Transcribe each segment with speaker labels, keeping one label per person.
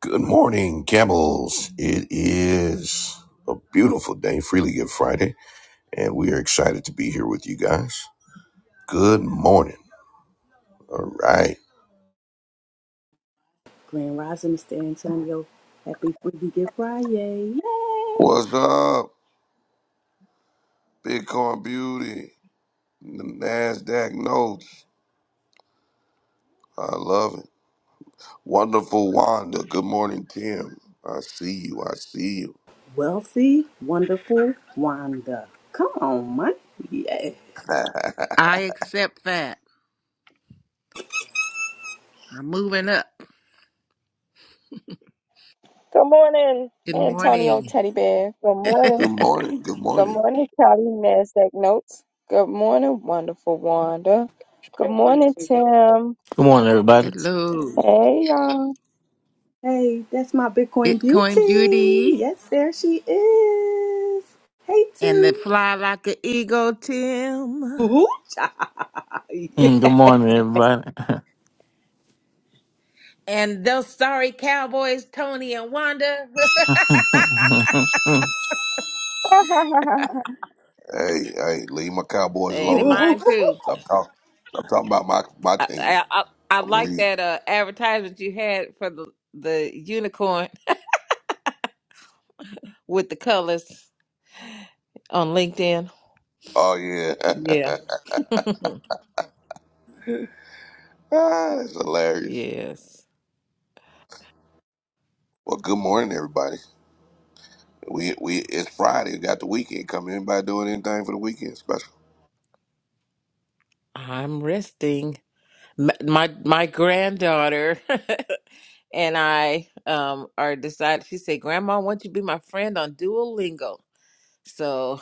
Speaker 1: Good morning, camels. It is a beautiful day, Freely Give Friday, and we are excited to be here with you guys. Good morning. All right.
Speaker 2: Grand Rising, Mr. Antonio. Happy Freebie Gift Friday. Yay!
Speaker 1: What's up, Bitcoin Beauty? The NASDAQ notes. I love it. Wonderful Wanda. Good morning, Tim. I see you. I see you.
Speaker 2: Wealthy, wonderful Wanda. Come on, man. Yay.
Speaker 3: I accept that. I'm moving up.
Speaker 4: Good morning,
Speaker 3: Good
Speaker 4: Antonio
Speaker 3: morning.
Speaker 4: Teddy Bear. Good morning.
Speaker 1: Good morning. Good
Speaker 4: Good
Speaker 1: morning.
Speaker 4: morning, Callie NASDAQ Notes. Good morning, wonderful Wanda. Good
Speaker 5: Good
Speaker 4: morning, Tim.
Speaker 5: morning, everybody.
Speaker 3: Hello,
Speaker 4: Hey, y'all.
Speaker 2: Hey, that's my Bitcoin
Speaker 3: Bitcoin Beauty
Speaker 2: beauty. Yes, there she is. Hey,
Speaker 3: and the
Speaker 2: Tim.
Speaker 3: Fly Like an Eagle Tim
Speaker 2: Ooh, child. Yeah.
Speaker 5: Mm, Good morning, everybody.
Speaker 3: and those sorry cowboys, Tony and Wanda.
Speaker 1: Hey, hey, leave my Cowboys
Speaker 3: hey, they
Speaker 1: alone now.
Speaker 2: Ooh.
Speaker 3: mine too.
Speaker 1: Stop talking. Stop talking about my, my
Speaker 3: I,
Speaker 1: team.
Speaker 3: I, I, I
Speaker 1: I'm going to
Speaker 3: like
Speaker 1: leave.
Speaker 3: that uh, advertisement you had for the, the unicorn with the colors on LinkedIn.
Speaker 1: Oh, yeah.
Speaker 3: Yeah.
Speaker 1: Ah, that's hilarious.
Speaker 3: Yes,
Speaker 1: Well, good morning, everybody. We we it's Friday. We got the weekend coming. Anybody doing anything for the weekend special?
Speaker 3: I'm resting. M- My my granddaughter and I um are decided she said, Grandma, won't you be my friend on Duolingo? So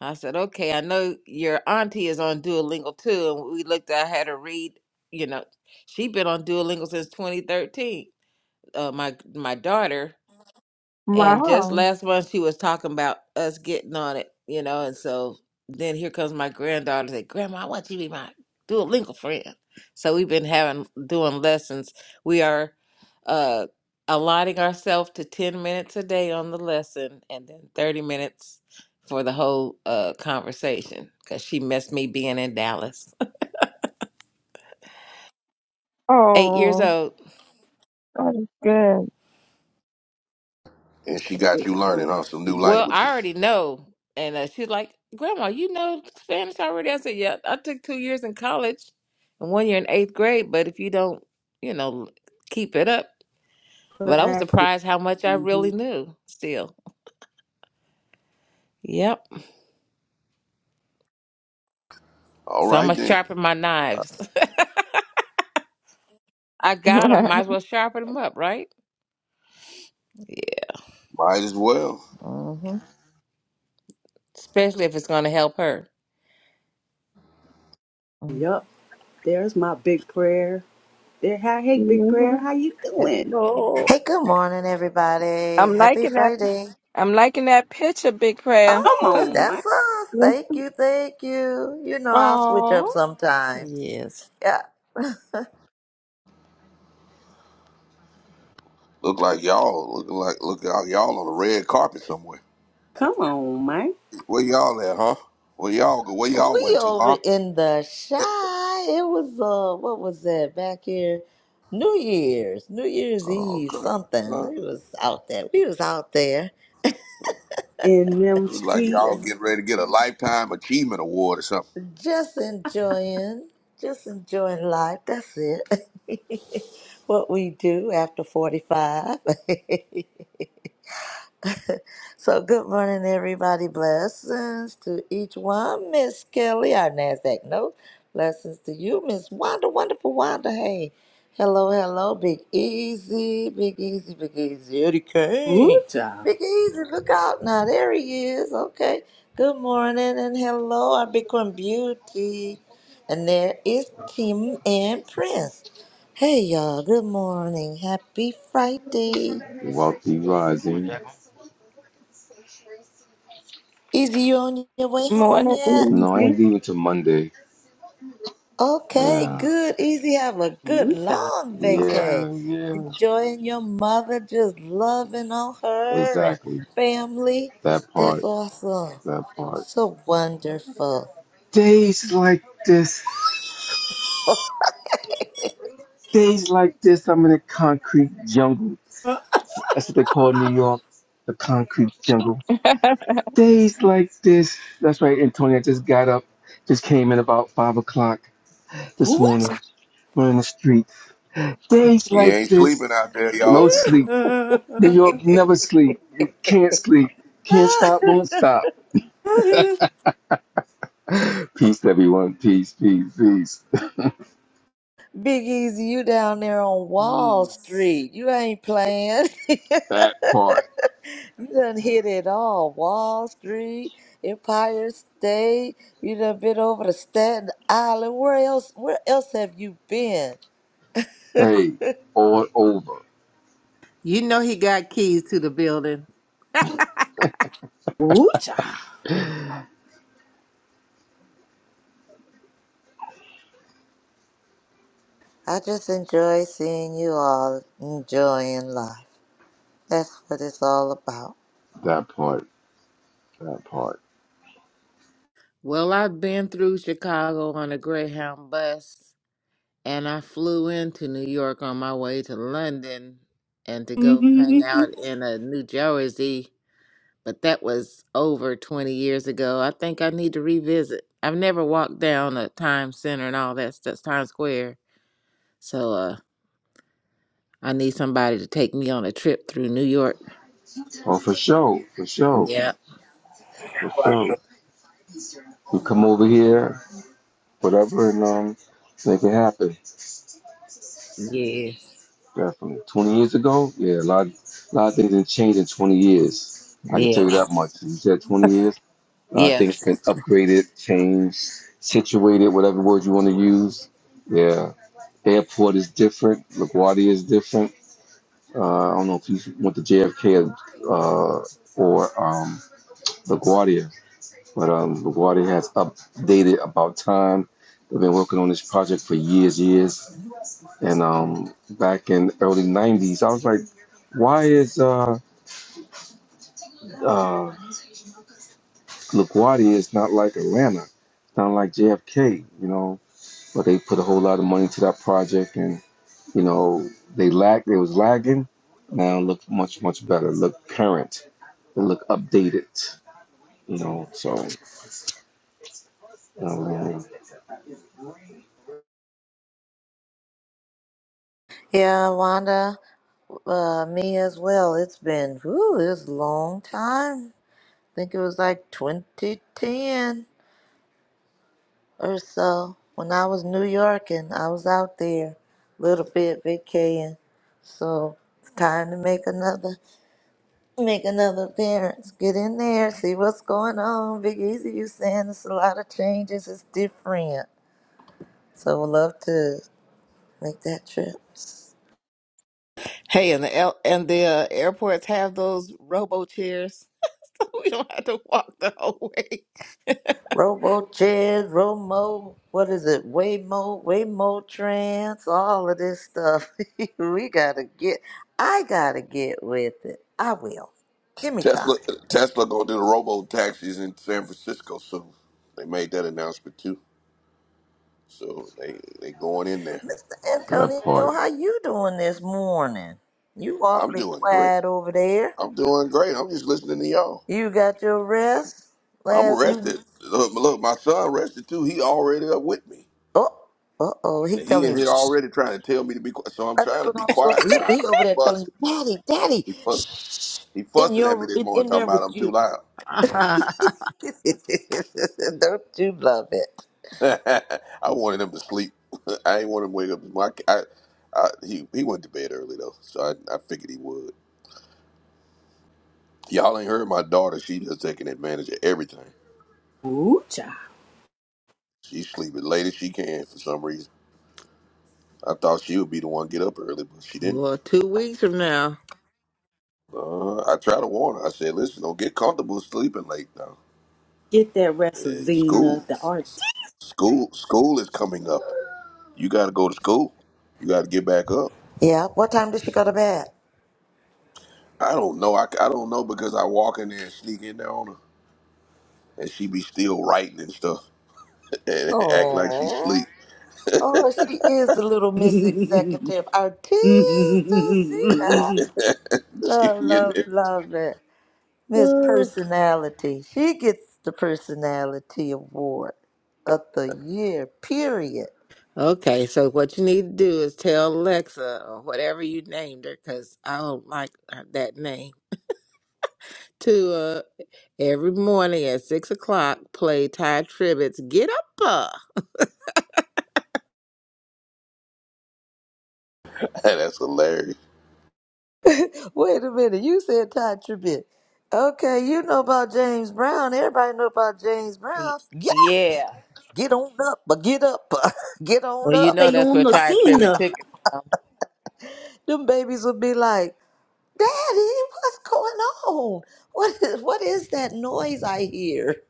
Speaker 3: I said, Okay, I know your auntie is on Duolingo too. And we looked I had her read, you know, she been on Duolingo since twenty thirteen. Uh my my daughter. And just
Speaker 4: wow.
Speaker 3: last month, she was talking about us getting on it, you know. And so then here comes my granddaughter. Say, Grandma, I want you to be my Duolingo friend. So we've been having doing lessons. We are uh, allotting ourselves to ten minutes a day on the lesson, and then thirty minutes for the whole uh, conversation. Because she missed me being in Dallas. Eight years
Speaker 4: Oh,
Speaker 3: old.
Speaker 4: that is good.
Speaker 1: And she got
Speaker 2: It's
Speaker 1: you
Speaker 2: so
Speaker 1: learning on some new
Speaker 2: sweet.
Speaker 3: Well, I
Speaker 1: languages.
Speaker 3: already know. And uh, she's like, Grandma, you know Spanish already? I said, Yeah, I took two years in college and one year in eighth grade. But if you don't, you know, keep it up. But I was
Speaker 2: Practice.
Speaker 3: surprised how much I
Speaker 2: hmm
Speaker 3: really knew still. Yep.
Speaker 1: All
Speaker 3: So I'm
Speaker 1: right
Speaker 3: going to
Speaker 1: then,
Speaker 3: sharpen my knives. I got them. Might as well sharpen them up, right? Yeah.
Speaker 1: might as well.
Speaker 3: hmm Especially if it's going to help her. Mm.
Speaker 2: Yup. There's my big prayer. There, hi- hey, big prayer.
Speaker 4: hmm
Speaker 2: How you
Speaker 3: It-
Speaker 2: doing?
Speaker 3: Oh.
Speaker 6: Hey, good morning, everybody.
Speaker 4: I'm
Speaker 6: Happy
Speaker 4: liking that.
Speaker 6: Friday.
Speaker 4: I'm liking that picture, Big Prayer.
Speaker 2: Come
Speaker 6: Oh,
Speaker 2: on, man.
Speaker 6: that's us.
Speaker 4: Good
Speaker 6: Thank you, thank you. You know, I'll switch up
Speaker 3: Oh.
Speaker 6: sometimes.
Speaker 3: Yes.
Speaker 6: Yeah.
Speaker 1: Look like y'all looking like look out y'all on the red carpet somewhere.
Speaker 2: Come on, man.
Speaker 1: Where y'all at, huh? Where y'all go? Where y'all
Speaker 6: We
Speaker 1: went to,
Speaker 6: over
Speaker 1: huh?
Speaker 6: in the shy. It was, uh, what was that back here? New Year's, New Year's
Speaker 1: Oh,
Speaker 6: Eve,
Speaker 1: okay.
Speaker 6: something.
Speaker 1: Huh?
Speaker 6: We was out there. We was out there
Speaker 2: in them
Speaker 1: Look like y'all
Speaker 2: streets.
Speaker 1: getting ready to get a lifetime achievement award or something.
Speaker 6: just enjoying, just enjoying life. That's it. what we do after 45. So good morning, everybody. Blessings to each one. Miss Kelly, our NASDAQ note. Blessings to you, Miss Wanda, wonderful Wanda. Hey, hello, hello, Big Easy, Big Easy, Big Easy, Eddie
Speaker 2: Ooh,
Speaker 6: Kane.
Speaker 2: child.
Speaker 6: Big Easy, look out now. There he is. Okay. Good morning and hello, our Bitcoin Beauty. And there is Tim and Prince. Hey, y'all. Good morning. Happy Friday. Easy, you on your way home
Speaker 4: Morning,
Speaker 6: yet?
Speaker 7: No, I ain't
Speaker 4: easy.
Speaker 7: leaving till Monday.
Speaker 6: Okay,
Speaker 7: Yeah,
Speaker 6: good, easy. Have a good
Speaker 2: Ooh, child.
Speaker 6: long vacay.
Speaker 7: yeah, yeah,
Speaker 6: Enjoying your mother, just loving on her and
Speaker 7: exactly.
Speaker 6: family. That's awesome. So wonderful.
Speaker 7: Days like this, days like this, I'm in a concrete jungle.
Speaker 2: Uh,
Speaker 7: That's what they call New York, the concrete jungle. Days like this, that's right, Antonio. I just got up, just came in about five o'clock this
Speaker 2: Ooh,
Speaker 7: morning. We're in the street. Days
Speaker 1: You
Speaker 7: like
Speaker 1: ain't sleeping
Speaker 7: this,
Speaker 1: out there,
Speaker 7: no
Speaker 1: y'all.
Speaker 6: Ooh.
Speaker 7: sleep.
Speaker 2: child.
Speaker 7: New York, you never sleep. You can't sleep. Can't stop, won't stop. Peace, everyone. Peace, peace, peace.
Speaker 6: Big Easy, you down there on Wall
Speaker 3: Jeez.
Speaker 6: Street. You ain't playing.
Speaker 7: That part.
Speaker 6: You done hit it all. Wall Street, Empire State. You done been over to Staten Island. Where else? Where else have you been?
Speaker 7: Hey, all over.
Speaker 3: You know he got keys to the building.
Speaker 2: Ooh, child.
Speaker 6: I just enjoy seeing you all enjoying life. That's what it's all about.
Speaker 7: That part. That part.
Speaker 3: Well, I've been through Chicago on a Greyhound bus, and I flew into New York on my way to London and to go hang out in a New Jersey, but that was over 20 years ago. I think I need to revisit. I've never walked down a Times Center and all that stuff, Times Square, so uh, I need somebody to take me on a trip through New York.
Speaker 7: Oh, for sure. For sure.
Speaker 3: Yeah.
Speaker 7: For sure. You come over here, whatever, and um, make it happen.
Speaker 3: Yes.
Speaker 7: Definitely. 20 years ago? Yeah, a lot, a lot of things have changed in 20 years. I can tell you
Speaker 3: Yes.
Speaker 7: that much. You said 20 years? A lot of things
Speaker 3: Yes.
Speaker 7: been upgraded, changed, situated, whatever word you want to use. Yeah. Airport is different. LaGuardia is different Uh, I don't know if you went to JFK uh, or um, LaGuardia, but um, LaGuardia has updated about time. They've been working on this project for years, years, and um, back in early '90s, I was like, "Why is uh, uh, LaGuardia is not like Atlanta? It's not like JFK, you know?" But they put a whole lot of money into that project, and you know, they lagged. It was lagging. Now it looks much, much better. Look current. It look updated. you know. So um,
Speaker 6: Yeah, Wanda, uh, me as well. It's been, whew, it's a long time. I think it was like 2010. or so when I was New York and I was out there a little bit vacating. So it's time to make another make another appearance. Get in there, see what's going on. Big Easy you saying it's a lot of changes, it's different. So would love to make that trip.
Speaker 3: Hey, and the L- and the uh, airports have those robo chairs. we don't have to walk the whole way.
Speaker 6: Robo Chad, Romo, what is it? Waymo, Waymo Trans, all of this stuff. we gotta get I gotta get with it. I will. Give me time.
Speaker 1: Tesla Tesla gonna do the robo taxis in San Francisco soon. They made that announcement too. So they they going in there.
Speaker 6: Mr.
Speaker 7: that
Speaker 6: Antonio,
Speaker 7: part.
Speaker 6: how you doing this morning? You
Speaker 1: I'm
Speaker 6: awfully
Speaker 1: doing great.
Speaker 6: quiet over there.
Speaker 1: I'm doing great. I'm just listening to y'all.
Speaker 6: You got your rest
Speaker 1: I'm
Speaker 6: last you
Speaker 1: rested. Look, look, my son rested too. He already up with me.
Speaker 6: oh uh oh he
Speaker 1: And he
Speaker 6: telling you
Speaker 1: in here
Speaker 6: shh.
Speaker 1: already trying to tell me to be quiet. So I'm
Speaker 6: Uh, That's
Speaker 1: trying to
Speaker 6: what
Speaker 1: be
Speaker 6: I'm supposed
Speaker 1: quiet
Speaker 6: to
Speaker 1: for him
Speaker 6: he, he
Speaker 1: because
Speaker 6: over
Speaker 1: he
Speaker 6: there telling
Speaker 1: fussing.
Speaker 6: you, Daddy, Daddy,
Speaker 1: He fussing.
Speaker 6: shh
Speaker 1: He
Speaker 6: in
Speaker 1: fussing at me
Speaker 6: your
Speaker 1: this
Speaker 6: in,
Speaker 1: morning
Speaker 6: in
Speaker 1: talking
Speaker 6: there with
Speaker 1: about I'm too
Speaker 6: you.
Speaker 1: loud.
Speaker 6: Don't you love it?
Speaker 1: I wanted him to sleep. I ain't want him to wake up. My, I, I, he he went to bed early though, so I, I figured he would. Y'all ain't heard my daughter. She just taking advantage of everything.
Speaker 2: Ooh, child.
Speaker 1: She's sleeping late as she can for some reason. I thought she would be the one get up early, but she didn't.
Speaker 3: well, two weeks from now.
Speaker 1: Uh, I tried to warn her. I said, "Listen, don't get comfortable sleeping late now.
Speaker 2: Get that wrestle,
Speaker 1: Eh,
Speaker 2: Zena,
Speaker 1: school,
Speaker 2: the art.
Speaker 1: school, school is coming up. You got to go to school. You got to get back up."
Speaker 6: Yeah. What time does she go to bed?
Speaker 1: I don't know. I, I don't know because I walk in there and sneak in there on her, and she be still writing and stuff and act like she sleep.
Speaker 6: Oh, oh, she is the little Miss Executive Artista
Speaker 1: She
Speaker 6: Love,
Speaker 1: be in
Speaker 6: love,
Speaker 1: there.
Speaker 6: love it. Miss Personality. She gets the Personality Award of the year, period.
Speaker 3: Okay, so what you need to do is tell Alexa or whatever you named her, because I don't like that name, to uh, every morning at six o'clock play Ty Tribbett's Get Up. Uh.
Speaker 1: That's hilarious.
Speaker 6: Wait a minute, you said Todd Tribbett. Okay, you know about James Brown. Everybody know about James
Speaker 3: Y-
Speaker 6: Brown. Yeah,
Speaker 3: Yeah.
Speaker 6: get on up, but get up, get on
Speaker 3: Well, you
Speaker 6: up.
Speaker 3: know
Speaker 2: Stay
Speaker 3: that's where
Speaker 2: on the
Speaker 3: Ty Tribbett
Speaker 2: Cena.
Speaker 3: took it from.
Speaker 6: Them babies would be like, Daddy, what's going on? What is what is that noise I hear?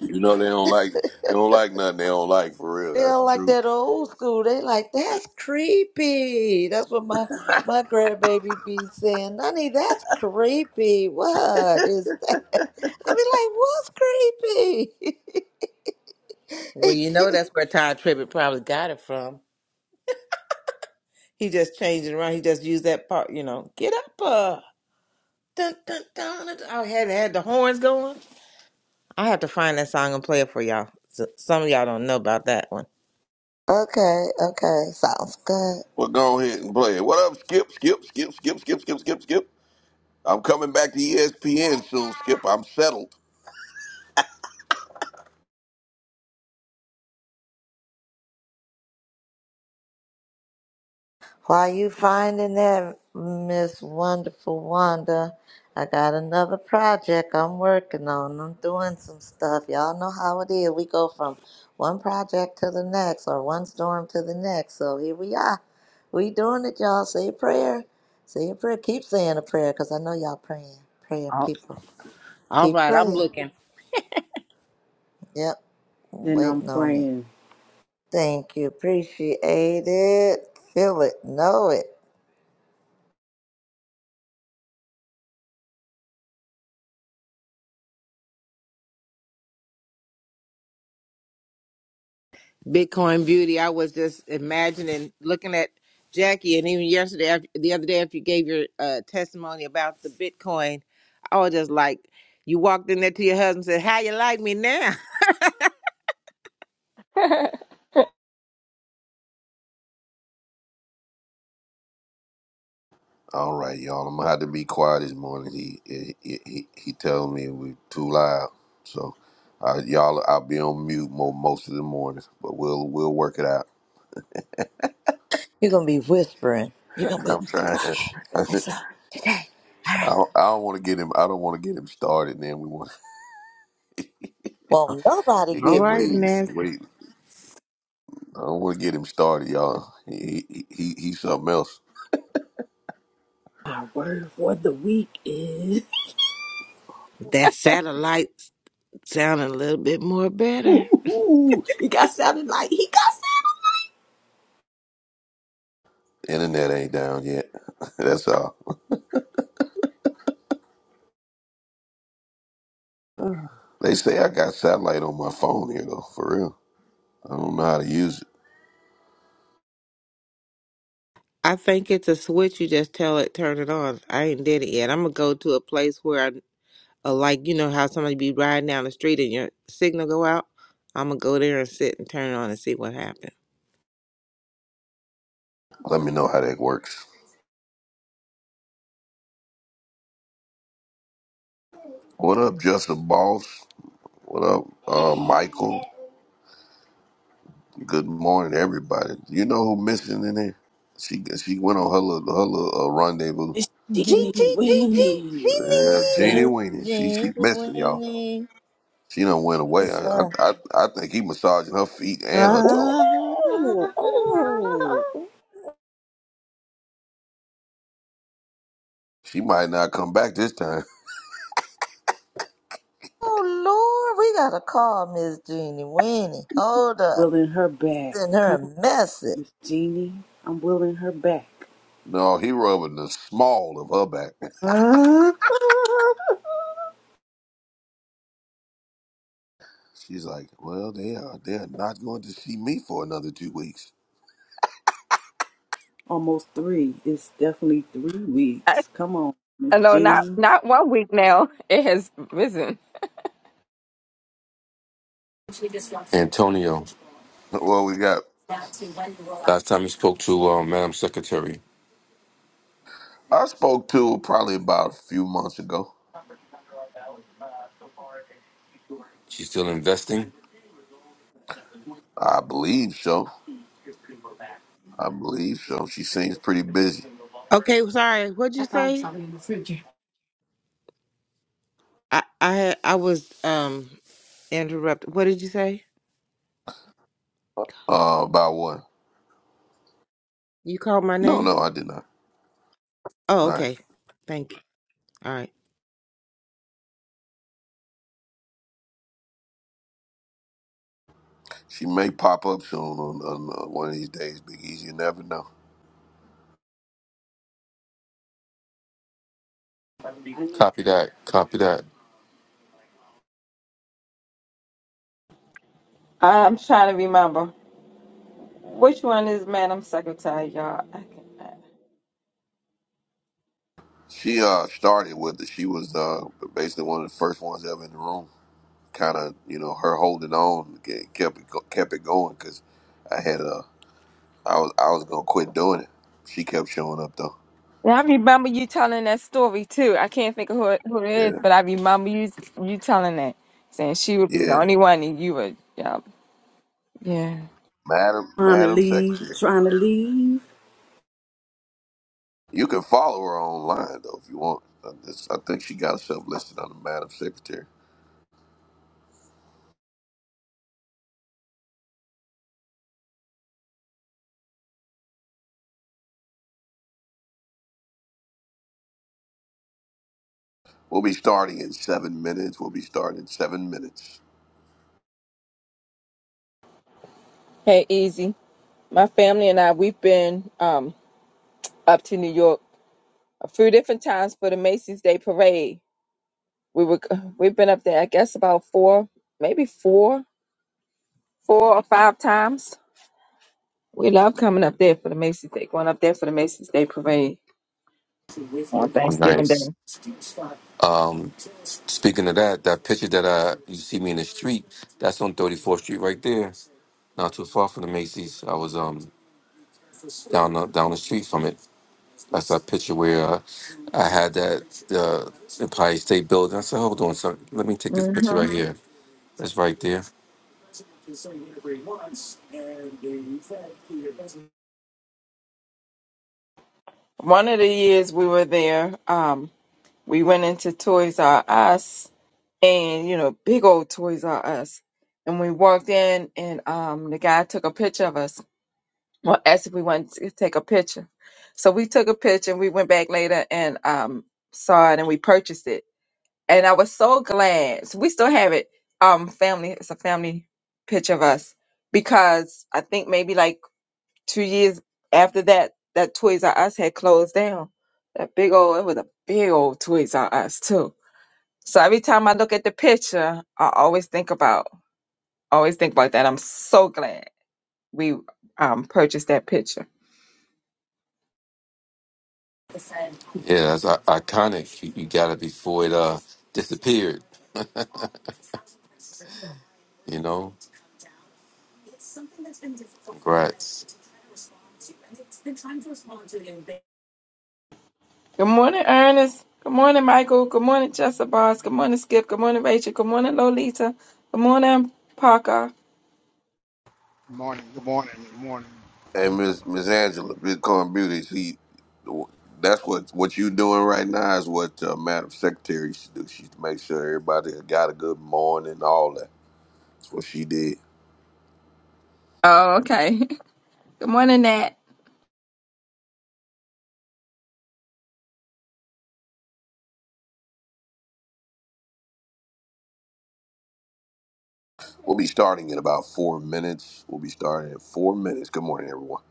Speaker 1: You know they don't like they don't like nothing they don't like for real.
Speaker 6: They're
Speaker 1: That's the
Speaker 6: like
Speaker 1: truth.
Speaker 6: that old school. They like that's creepy. That's what my my grandbaby be saying. Honey, that's creepy. What is that? I be like, what's creepy?
Speaker 3: Well, you know that's where Ty Tribbett probably got it from. He just changed it around. He just used that part, you know, Get Up. Dun, dun, dun, dun, dun. Oh, had had the horns going. I have to find that song and play it for y'all. S some of y'all don't know about that one.
Speaker 6: okay, okay, sounds good.
Speaker 1: Well, go ahead and play it. What up, Skip? Skip? Skip? Skip? Skip? Skip? Skip? Skip? I'm coming back to ESPN soon, Skip. I'm settled.
Speaker 6: While you finding that, Miss Wonderful Wanda, I got another project I'm working on. I'm doing some stuff. Y'all know how it is. We go from one project to the next or one storm to the next. So here we are. We doing it, y'all. Say a prayer. Say a prayer. Keep saying a prayer because I know y'all praying. Praying
Speaker 3: All,
Speaker 6: people.
Speaker 3: all
Speaker 6: Keep
Speaker 3: right, I'm
Speaker 6: praying.
Speaker 3: looking.
Speaker 6: Yep.
Speaker 2: Then I'm
Speaker 6: Waiting on it.
Speaker 2: praying.
Speaker 6: Thank you. Appreciate it. Feel it. Know it.
Speaker 3: Bitcoin Beauty. I was just imagining, looking at Jackie, and even yesterday, after, the other day, after you gave your uh, testimony about the Bitcoin, I was just like, you walked in there to your husband and said, "How you like me now?"
Speaker 1: All right, y'all. I'm gonna have to be quiet this morning. He he he, he he tells me we're too loud, so uh, y'all I'll be on mute mo most of the mornings. But we'll we'll work it out.
Speaker 6: You're gonna be whispering. You're gonna be
Speaker 1: I'm trying.
Speaker 6: okay. Let's go today. All
Speaker 1: I
Speaker 6: right.
Speaker 1: don't, I don't want to get him. I don't want to get him started. Then we want
Speaker 6: Won't nobody
Speaker 1: it
Speaker 3: All
Speaker 1: get
Speaker 6: get
Speaker 3: right,
Speaker 1: way
Speaker 6: peace.
Speaker 3: Ness.
Speaker 1: way I don't want to get him started, y'all. He, he he he's something else.
Speaker 2: Our word for the week is.
Speaker 3: That satellite sounded a little bit more better.
Speaker 2: Ooh, ooh, he got sounded like he got sounded.
Speaker 1: Internet ain't down yet. That's all. They say I got satellite on my phone here though, for real. I don't know how to use it.
Speaker 3: I think it's a switch. You just tell it, turn it on. I ain't did it yet. I'm gonna go to a place where I, uh, like, you know how somebody be riding down the street and your signal go out. I'm gonna go there and sit and turn it on and see what happens.
Speaker 1: Let me know how that works. What up, Justin Boss? What up, uh, Michael? Good morning, everybody. You know who missing in there? She she went on her little, her little uh, rendezvous.
Speaker 2: It's
Speaker 6: Gee,
Speaker 2: Jeannie
Speaker 6: gee, gee, gee,
Speaker 2: Weenie.
Speaker 1: Yeah,
Speaker 6: Jeannie
Speaker 2: Yeah.
Speaker 1: Jeannie
Speaker 6: Miss
Speaker 1: Weenie. She she
Speaker 6: Jean
Speaker 1: missing y'all.
Speaker 6: Winnie.
Speaker 1: She done went away.
Speaker 6: Yes,
Speaker 1: I, I
Speaker 6: sir.
Speaker 1: I I think he massaging her feet and her toes.
Speaker 6: Ooh, ooh.
Speaker 2: Ah.
Speaker 1: She might not come back this time.
Speaker 6: Oh Lord, we gotta call Miss Jeannie Winnie. Hold up.
Speaker 2: Willing her back.
Speaker 6: Send her
Speaker 2: Come on,
Speaker 6: a message.
Speaker 2: Miss Jeannie. I'm willing her back.
Speaker 1: No, he rubbing the small of her back. She's like, well, they are they're not going to see me for another two weeks.
Speaker 2: Almost three. It's definitely three
Speaker 4: I,
Speaker 2: weeks. Come on, Miss
Speaker 4: no, not
Speaker 2: Jeannie.
Speaker 4: not one week now. It has risen.
Speaker 7: Antonio,
Speaker 1: Well, we got.
Speaker 7: last time you spoke to uh, Madam Secretary,
Speaker 1: I spoke to her probably about a few months ago.
Speaker 7: she's still investing.
Speaker 1: I believe so. I believe so. She seems pretty busy.
Speaker 3: Okay, sorry. What'd you say? I I had, I was um interrupted. What did you say?
Speaker 1: Uh, about what?
Speaker 3: You called my
Speaker 1: No,
Speaker 3: name?
Speaker 1: no, I did not.
Speaker 3: Oh,
Speaker 1: All right.
Speaker 3: okay. Thank you. All
Speaker 1: She may pop up soon on, on uh, one of these days, Big Easy. You never know.
Speaker 7: Copy that. Copy that.
Speaker 4: I'm trying to remember. Which one is man? I'm sick and tired, y'all. I can't.
Speaker 1: She uh started with it. She was uh basically one of the first ones ever in the room kind of you know her holding on kept it go- kept it going because I had a I was I was gonna quit doing it. She kept showing up though.
Speaker 4: Now, I remember you telling that story too. I can't think of who it, who it is,
Speaker 1: Yeah,
Speaker 4: but I remember you you telling that, saying she would be the
Speaker 1: yeah,
Speaker 4: only one, and you would, yeah, yeah.
Speaker 1: Madam
Speaker 2: Trying to
Speaker 1: Madam
Speaker 2: leave.
Speaker 1: Secretary.
Speaker 2: Trying to leave.
Speaker 1: You can follow her online though if you want. I, just, I think she got herself listed under Madam Secretary. We'll be starting in seven minutes. We'll be starting in seven minutes.
Speaker 4: Hey, easy. My family and I, we've been um up to New York a few different times for the Macy's Day Parade. We were we've been up there, I guess, about four, maybe four, four or five times. We love coming up there for the Macy's Day, going up there for the Macy's Day Parade on
Speaker 7: Oh,
Speaker 4: Thanksgiving Day.
Speaker 7: nice. Um, speaking of that, that picture that I you see me in the street, that's on 34th Street right there, not too far from the Macy's. I was um down the, down the street from it. That's that picture where uh, I had that uh, Empire State Building. I said, hold on, son, let me take this picture
Speaker 4: hmm
Speaker 7: right here. That's right there.
Speaker 4: One of the years we were there, um, we went into Toys R Us and, you know, big old Toys R Us. And we walked in and um, the guy took a picture of us. Well, asked if we wanted to take a picture. So we took a picture and we went back later and um, saw it and we purchased it. And I was so glad. So we still have it. Um, family, it's a family picture of us because I think maybe like two years after that, that Toys R Us had closed down. That big old, it was a big old Toys R Us too. So every time I look at the picture, I always think about, always think about that. I'm so glad we um, purchased that picture.
Speaker 7: Yeah, that's i- iconic. You, you got it before it uh disappeared. You know, congrats,
Speaker 4: Good morning, Ernest. Good morning, Michael. Good morning, Jessica Good morning, Skip. Good morning, Rachel. Good morning, Lolita. Good morning, Parker.
Speaker 8: Good morning, good morning, good morning.
Speaker 1: And Miss Miss Angela, Bitcoin Beauty, she, that's what what you doing right now is what uh, Madam Secretary should do. She make sure everybody got a good morning, all that. That's what she did.
Speaker 4: Oh, okay. Good morning, Nat.
Speaker 1: We'll be starting in about four minutes. We'll be starting in four minutes. Good morning, everyone.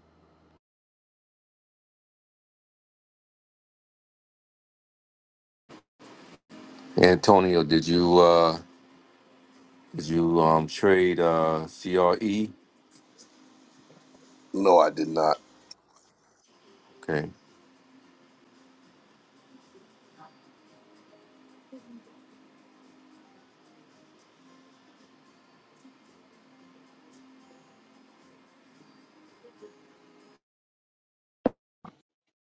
Speaker 7: Antonio. Did you uh did you um trade uh CRE?
Speaker 1: No, I did not.
Speaker 7: Okay,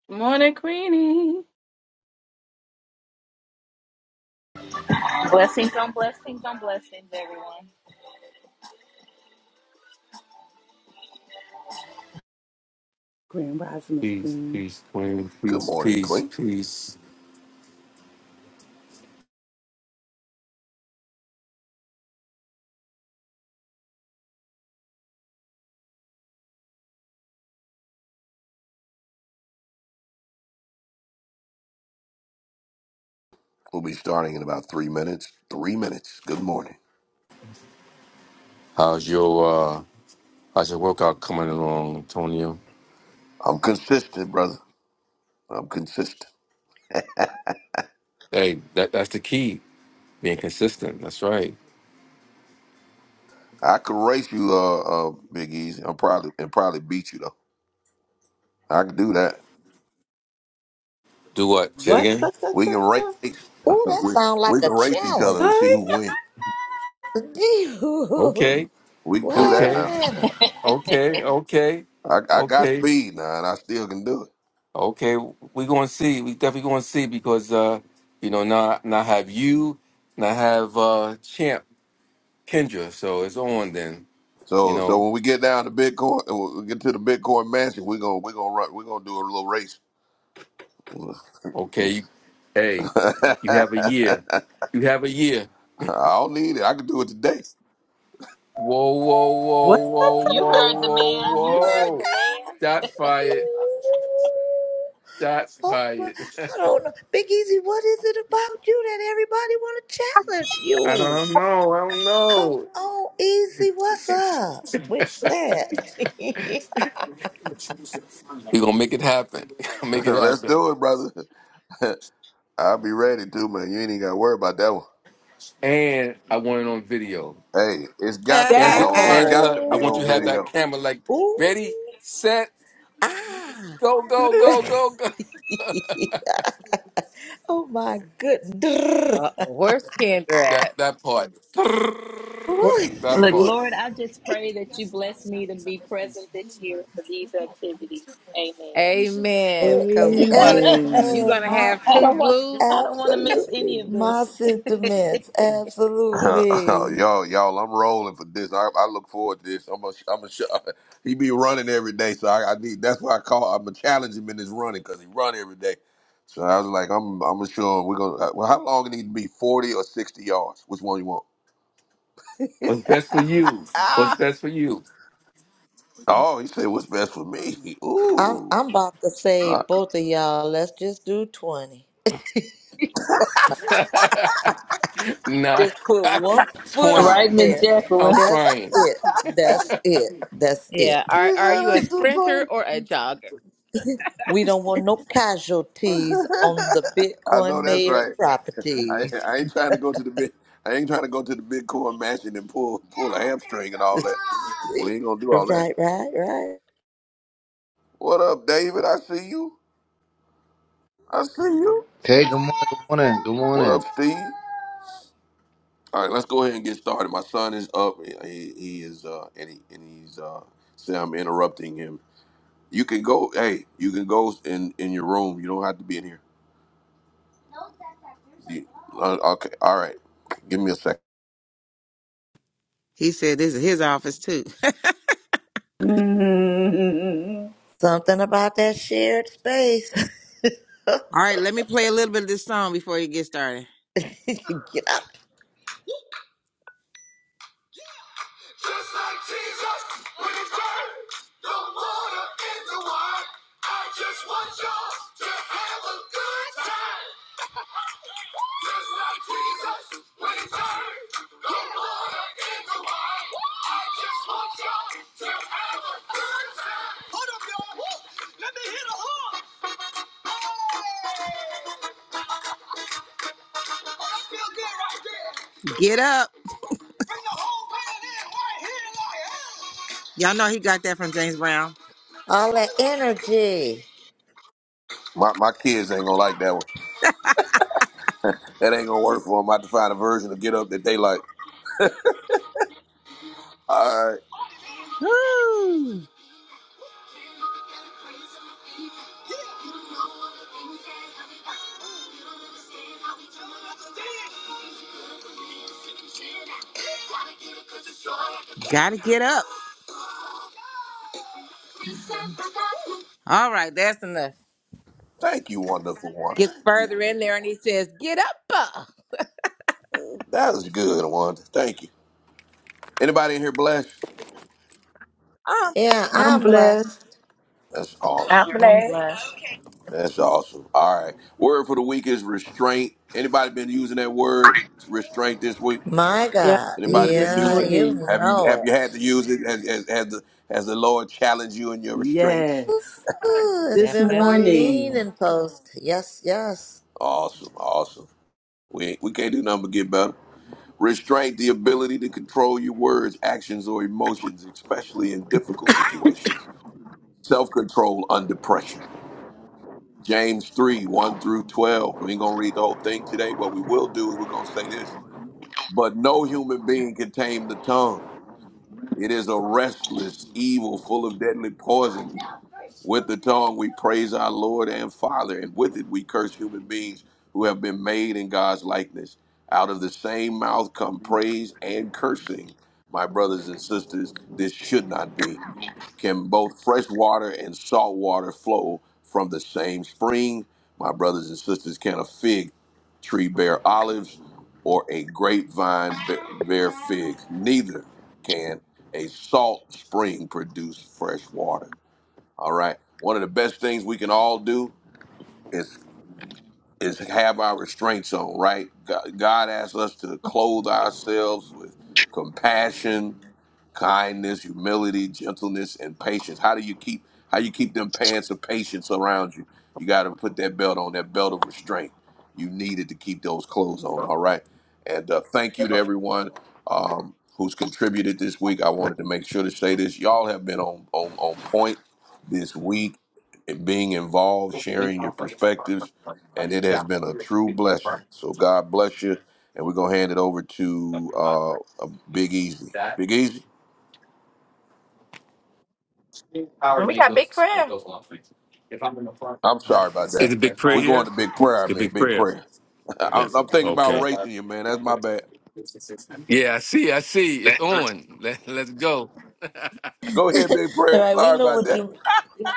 Speaker 4: Good Morning, Queenie.
Speaker 9: Blessings on blessings on blessings, everyone.
Speaker 2: Grand Rising Miss
Speaker 7: peace,
Speaker 2: Queen.
Speaker 7: peace, queen,
Speaker 1: Good
Speaker 7: peace,
Speaker 1: morning,
Speaker 7: peace,
Speaker 1: Queen.
Speaker 7: peace.
Speaker 1: We'll be starting in about three minutes. Three minutes. Good morning.
Speaker 7: How's your uh how's your workout coming along, Antonio?
Speaker 1: I'm consistent, brother. I'm consistent.
Speaker 7: Hey, that that's the key. Being consistent. That's right.
Speaker 1: I could race you, uh, uh, Big Easy. I'm probably and probably beat you though. I could do that.
Speaker 7: Do what? Say it
Speaker 2: What? Ta,
Speaker 7: again.
Speaker 2: ta,
Speaker 1: We can
Speaker 2: ta,
Speaker 1: race.
Speaker 2: ta.
Speaker 1: we
Speaker 6: Ooh, that sounds
Speaker 1: we
Speaker 6: like
Speaker 1: can
Speaker 6: a
Speaker 1: race each other and
Speaker 6: challenge.
Speaker 1: see who wins.
Speaker 6: Gee,
Speaker 7: Okay,
Speaker 1: We can do
Speaker 6: Wait
Speaker 1: that
Speaker 6: a
Speaker 7: okay,
Speaker 1: now.
Speaker 6: minute.
Speaker 7: okay, okay,
Speaker 1: I, I got
Speaker 7: okay.
Speaker 1: speed now, and I still can do it.
Speaker 7: Okay, we're going to see. We definitely going to see because uh, you know now now have you, now have uh, Champ Kendra. So it's on then. You
Speaker 1: So so
Speaker 7: know,
Speaker 1: when we get down to Bitcoin, when we get to the Bitcoin mansion, we gonna we gonna run, we gonna do a little race.
Speaker 7: okay. you- Hey, you have a year. You have a year.
Speaker 1: I don't need it. I can do it today.
Speaker 7: Whoa, whoa,
Speaker 2: What?
Speaker 7: whoa,
Speaker 2: What?
Speaker 7: whoa,
Speaker 9: You
Speaker 7: whoa,
Speaker 9: heard the
Speaker 7: whoa,
Speaker 9: man. You heard the
Speaker 7: whoa.
Speaker 9: man.
Speaker 7: Shots fired. Shots
Speaker 6: Oh, well,
Speaker 7: fired.
Speaker 6: I don't know. Big Easy, what is it about you that everybody want to challenge
Speaker 7: I
Speaker 6: you?
Speaker 7: don't know. I don't
Speaker 6: Come
Speaker 7: know.
Speaker 6: on, Easy, what's up with that?
Speaker 7: We're gonna make it happen. make it
Speaker 1: Let's
Speaker 7: happen.
Speaker 1: do it, brother. I'll be ready too, man. You ain't even gotta worry about that one.
Speaker 7: And I want it on video.
Speaker 1: Hey, it's got to be
Speaker 7: Ange-
Speaker 2: That
Speaker 1: on.
Speaker 3: right.
Speaker 1: It's
Speaker 2: part.
Speaker 1: got
Speaker 7: Angela,
Speaker 1: to
Speaker 7: I
Speaker 1: be
Speaker 7: want you
Speaker 1: on
Speaker 7: to have
Speaker 6: oh,
Speaker 7: that
Speaker 1: video.
Speaker 7: camera like
Speaker 6: ooh,
Speaker 7: ready, set,
Speaker 6: ah.
Speaker 7: go, go, go, go, go.
Speaker 6: oh, my goodness.
Speaker 3: Uh, where's Kendra
Speaker 7: That
Speaker 3: at?
Speaker 7: that part.
Speaker 3: Where-
Speaker 6: Boy,
Speaker 7: That
Speaker 9: Look,
Speaker 7: part.
Speaker 9: Lord, I just pray that you bless me to be present this year for these activities. Amen.
Speaker 3: Amen. Because we want to,
Speaker 6: amen.
Speaker 3: you
Speaker 2: Amen.
Speaker 3: going to
Speaker 6: My
Speaker 3: have
Speaker 9: I
Speaker 3: two
Speaker 9: don't want
Speaker 3: blue.
Speaker 9: I don't want to miss
Speaker 6: absolutely,
Speaker 9: any of
Speaker 6: my
Speaker 9: this.
Speaker 6: sentiments, absolutely.
Speaker 1: y'all, y'all, I'm rolling for this. I, I look forward to this. I'm a, I'm a. He be running every day, so I, I need. That's why I call. I'm gonna challenge him in his running because he run every day. So I was like, I'm, I'm sure we're gonna. uh, Well, how long it need to be? Forty or sixty yards? Which one you want?
Speaker 7: What's best for you? What's
Speaker 1: Ah.
Speaker 7: best for you?
Speaker 1: Oh, he said, what's best for me?
Speaker 6: I'm
Speaker 1: Ooh.
Speaker 6: I'm about to
Speaker 1: Uh,
Speaker 6: save both of y'all. Let's just do twenty.
Speaker 7: nah.
Speaker 6: Just put one foot
Speaker 7: 20.
Speaker 6: out
Speaker 9: Right, Miss
Speaker 6: there.
Speaker 7: I'm
Speaker 9: Jacqueline.
Speaker 6: That's
Speaker 7: crying.
Speaker 6: it. That's it. That's it.
Speaker 3: Yeah.
Speaker 1: he
Speaker 3: Are, are
Speaker 1: said,
Speaker 3: you a
Speaker 1: let's do twenty.
Speaker 3: sprinter or a jogger?
Speaker 6: We don't want no casualties on the
Speaker 1: I know
Speaker 6: Bitcoin
Speaker 1: that's
Speaker 6: mayor's
Speaker 1: right. I,
Speaker 6: properties.
Speaker 1: I ain't trying to go to the big. I ain't trying to go to the big core mansion and pull pull a hamstring and all that. We ain't gonna do
Speaker 6: right,
Speaker 1: all that.
Speaker 6: right, right.
Speaker 1: What up, David? I see you. I see you.
Speaker 10: Okay, good morning, good morning, good
Speaker 1: What
Speaker 10: morning.
Speaker 1: up, Steve? All right, let's go ahead and get started. My son is up. He, he is uh and, he, and he's uh say I'm interrupting him. You can go. Hey, you can go in in your room. You don't have to be in here. You- uh, okay. All right. Give me a second.
Speaker 3: He said this is his office too.
Speaker 2: Mhm.
Speaker 6: Something about that shared space.
Speaker 3: All right, let me play a little bit of this song before you get started.
Speaker 6: Get up.
Speaker 3: Just like Jesus, when he turned the water into wine, I just want y'all to have a good time. Just like Jesus, when he turned the water into wine, I just want y'all to have a good time. Hold up, y'all. Woo! Let me hit a horn. Hey! I feel good right there. Get up. Bring the whole band in right here, like, hey. Y'all know he got that from James Brown.
Speaker 6: All that energy.
Speaker 1: My my kids ain't gonna like that one. That ain't gonna work for them. I have to find a version of Get Up that they like. All right.
Speaker 3: Woo! Gotta get up. All right, that's enough.
Speaker 1: Thank you, wonderful Wanda.
Speaker 3: Gets further in there and he says, Get up. uh."
Speaker 1: That is good, Wanda. Thank you. Anybody in here blessed?
Speaker 3: Oh,
Speaker 6: Yeah,
Speaker 2: I'm
Speaker 6: I'm
Speaker 2: blessed.
Speaker 6: blessed.
Speaker 1: That's awesome.
Speaker 4: I'm
Speaker 9: I'm
Speaker 4: blessed.
Speaker 9: blessed.
Speaker 1: That's awesome. All right. Word for the week is restraint. Anybody been using that word restraint this week?
Speaker 6: My
Speaker 2: Yep,
Speaker 6: God.
Speaker 2: me
Speaker 1: Anybody been
Speaker 2: this
Speaker 6: Yeah,
Speaker 1: using it?
Speaker 6: you
Speaker 2: morning.
Speaker 1: Have you
Speaker 6: know it.
Speaker 1: have you had to use it? Has, has, has the has the Lord challenged you in your restraints?
Speaker 2: Yes.
Speaker 6: Ooh, it's
Speaker 2: This
Speaker 6: been my
Speaker 3: definitely.
Speaker 2: morning.
Speaker 6: leaning post. Yes, yes.
Speaker 1: Awesome, awesome. We ain't- we can't do nothing but get better. Restraint the ability to control your words, actions, or emotions, especially in difficult situations. Self control under pressure. James 3, 1 through 12. We ain't going to read the whole thing today. What we will do is we're going to say this. But no human being can tame the tongue. It is a restless evil full of deadly poison. With the tongue we praise our Lord and Father, and with it we curse human beings who have been made in God's likeness. Out of the same mouth come praise and cursing. My brothers and sisters, this should not be. Can both fresh water and salt water flow from the same spring? My brothers and sisters, can a fig tree bear olives or a grapevine be- bear figs? Neither can a salt spring produce fresh water. All right. One of the best things we can all do is is have our restraints on, right? God, God asks us to clothe ourselves with compassion, kindness, humility, gentleness, and patience. How do you keep how you keep them pants of patience around you? You got to put that belt on, that belt of restraint. You needed to keep those clothes on. All right. And uh, thank you to everyone um, who's contributed this week. I wanted to make sure to say this. Y'all have been on on, on point this week, and being involved,
Speaker 11: That
Speaker 1: sharing your perspectives, and it has been a true blessing. So God bless you. And we're gonna hand it over to uh, Big Easy. Big Easy.
Speaker 11: power
Speaker 4: And
Speaker 11: to
Speaker 4: we
Speaker 11: make
Speaker 4: got big
Speaker 11: those
Speaker 4: prayer.
Speaker 11: those long things. If I'm in the front,
Speaker 1: I'm
Speaker 11: I can
Speaker 1: sorry about that.
Speaker 7: Is a
Speaker 11: play
Speaker 7: big prayer
Speaker 1: We're
Speaker 11: proud.
Speaker 1: going to
Speaker 7: here?
Speaker 1: big prayer. I
Speaker 7: A
Speaker 1: mean,
Speaker 7: big
Speaker 1: big
Speaker 7: prayer.
Speaker 1: prayer. I'm,
Speaker 7: Yes.
Speaker 1: I'm thinking about
Speaker 7: Okay.
Speaker 1: racing you, man. That's my bad.
Speaker 7: Yeah, I see. I see. It's on. Let, let's go.
Speaker 1: Go ahead, big
Speaker 6: All
Speaker 1: prayer.
Speaker 6: right, we
Speaker 1: Sorry
Speaker 6: know
Speaker 1: about
Speaker 6: what
Speaker 1: that.
Speaker 6: you. yeah,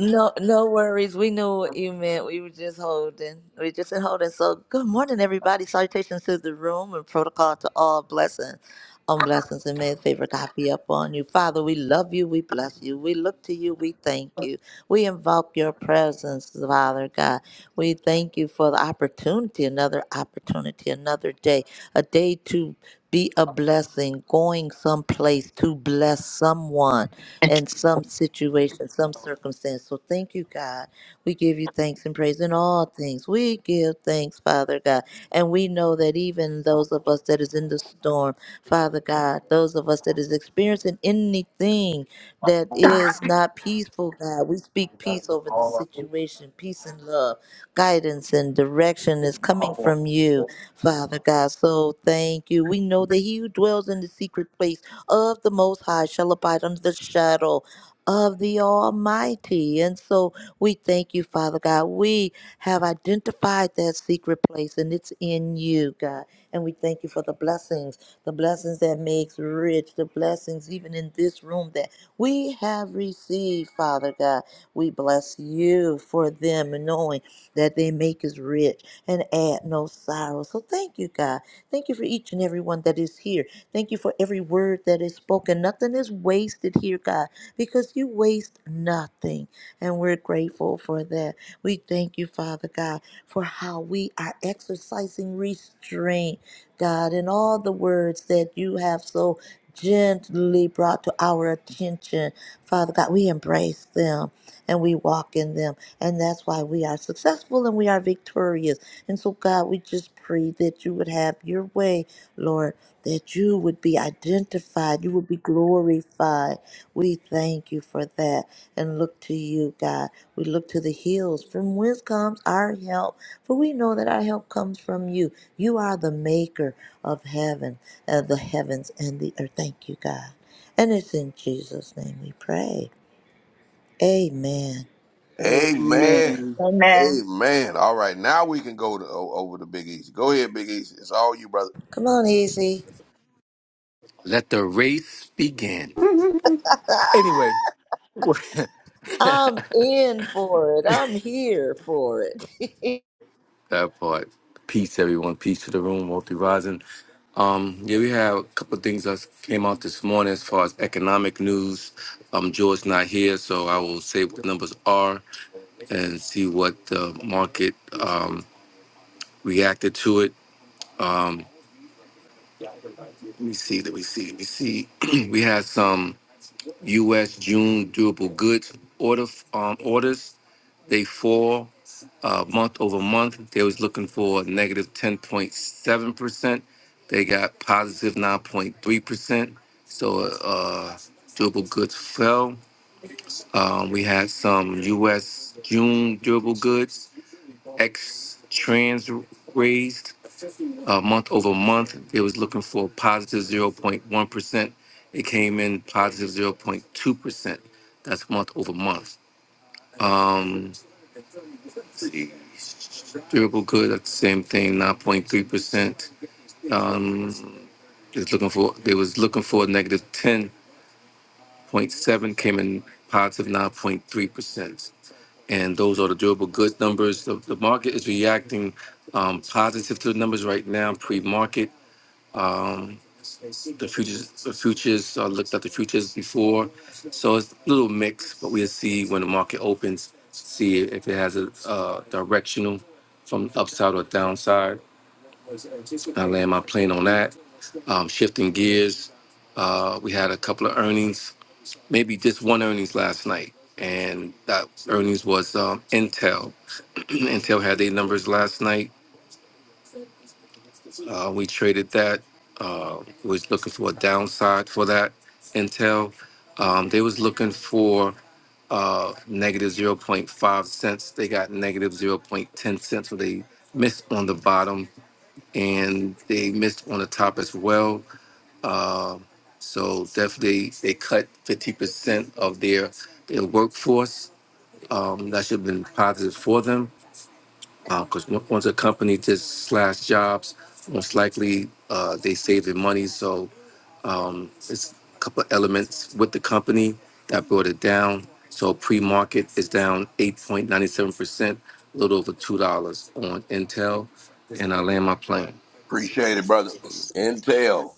Speaker 6: No, no worries. We knew what you meant. We were just holding. We just been holding. So, good morning, everybody. Salutations to the room and protocol to all blessings. On blessings and may the favor of God be upon you. Father, we love you. We bless you. We look to you. We thank you. We invoke your presence, Father God. We thank you for the opportunity, another opportunity, another day, a day to Be a blessing, going someplace to bless someone in some situation, some circumstance. So thank you, God. We give you thanks and praise in all things. We give thanks, Father God. And we know that even those of us that is in the storm, Father God, those of us that is experiencing anything that is not peaceful, God. We speak peace over the situation, peace and love, guidance and direction is coming from you.
Speaker 11: All
Speaker 6: Father God, so thank you. We know that he who dwells in the secret place of the Most High shall abide under the shadow of the Almighty. And so we thank you, Father God. We have identified that secret place and it's in you, God. And we thank you for the blessings, the blessings that makes rich, the blessings even in this room that we have received, Father God. We bless you for them and knowing that they make us rich and add no sorrow. So thank you, God. Thank you for each and every one that is here. Thank you for every word that is spoken. Nothing is wasted here, God, because you waste nothing. And we're grateful for that. We thank you, Father God, for how we are exercising restraint, God, in all the words that you have so gently brought to our attention. Father God, we embrace them and we walk in them. And that's why we are successful and we are victorious and so, God, we just pray that you would have your way, Lord, that you would be identified, you would be glorified. We thank you for that and look to you, God. We look to the hills from whence comes our help, for we know that our help comes from you. You are the maker of heaven, of the heavens and the earth. Thank you, God. And it's in Jesus' name we pray. Amen.
Speaker 1: Amen.
Speaker 2: Amen.
Speaker 4: Amen.
Speaker 1: Amen. All right, now we can go to o- over to Big Easy. Go ahead, Big Easy. It's all you, brother.
Speaker 6: Come on, Easy.
Speaker 7: Let the race begin.
Speaker 2: Miss
Speaker 7: Anyway.
Speaker 6: I'm in for it. I'm here for it.
Speaker 7: That part. Peace, everyone. Peace to the room, multi rising. Um, yeah, we have a couple of things that came out this morning as far as economic news. Um, George not here, so I will say what the numbers are and see what the market um, reacted to it. Um, let me see. Let me see. Let me see. we had some U.S. June durable goods order um, orders. They fall uh, month over month. They was looking for 10.7%. They got 9.3%. So uh, durable goods fell. Um, we had some U.S. June durable goods, ex trans raised uh, month over month. It was looking for 0.1%. It came in 0.2%. That's month over month. Um, see, durable Good at the same thing, nine point three percent. Um, is looking for they was looking for a negative ten point seven, came in positive nine point three percent. And those are the durable goods numbers. The, the market is reacting um, positive to the numbers right now, pre-market. Um, the futures the futures uh, looked at the futures before so it's a little mixed but we'll see when the market opens see if it has a uh, directional from upside or downside i land my plane on that um, shifting gears uh, we had a couple of earnings maybe just one earnings last night and that earnings was um, intel intel had their numbers last night Uh, we traded that. Uh, was looking for a downside for that Intel. Um, they was looking for uh, negative zero point 0.5 cents. They got negative zero point 0.10 cents. So they missed on the bottom and they missed on the top as well. Uh, so definitely they cut 50% of their, their workforce. Um, that should have been positive for them because once a company just slash jobs, most likely uh, they saving money. So um, it's a couple of elements with the company that brought it down. So pre-market is down 8.97%, a little over $2 on Intel, and I land my plane.
Speaker 1: Appreciate it, brother. Intel,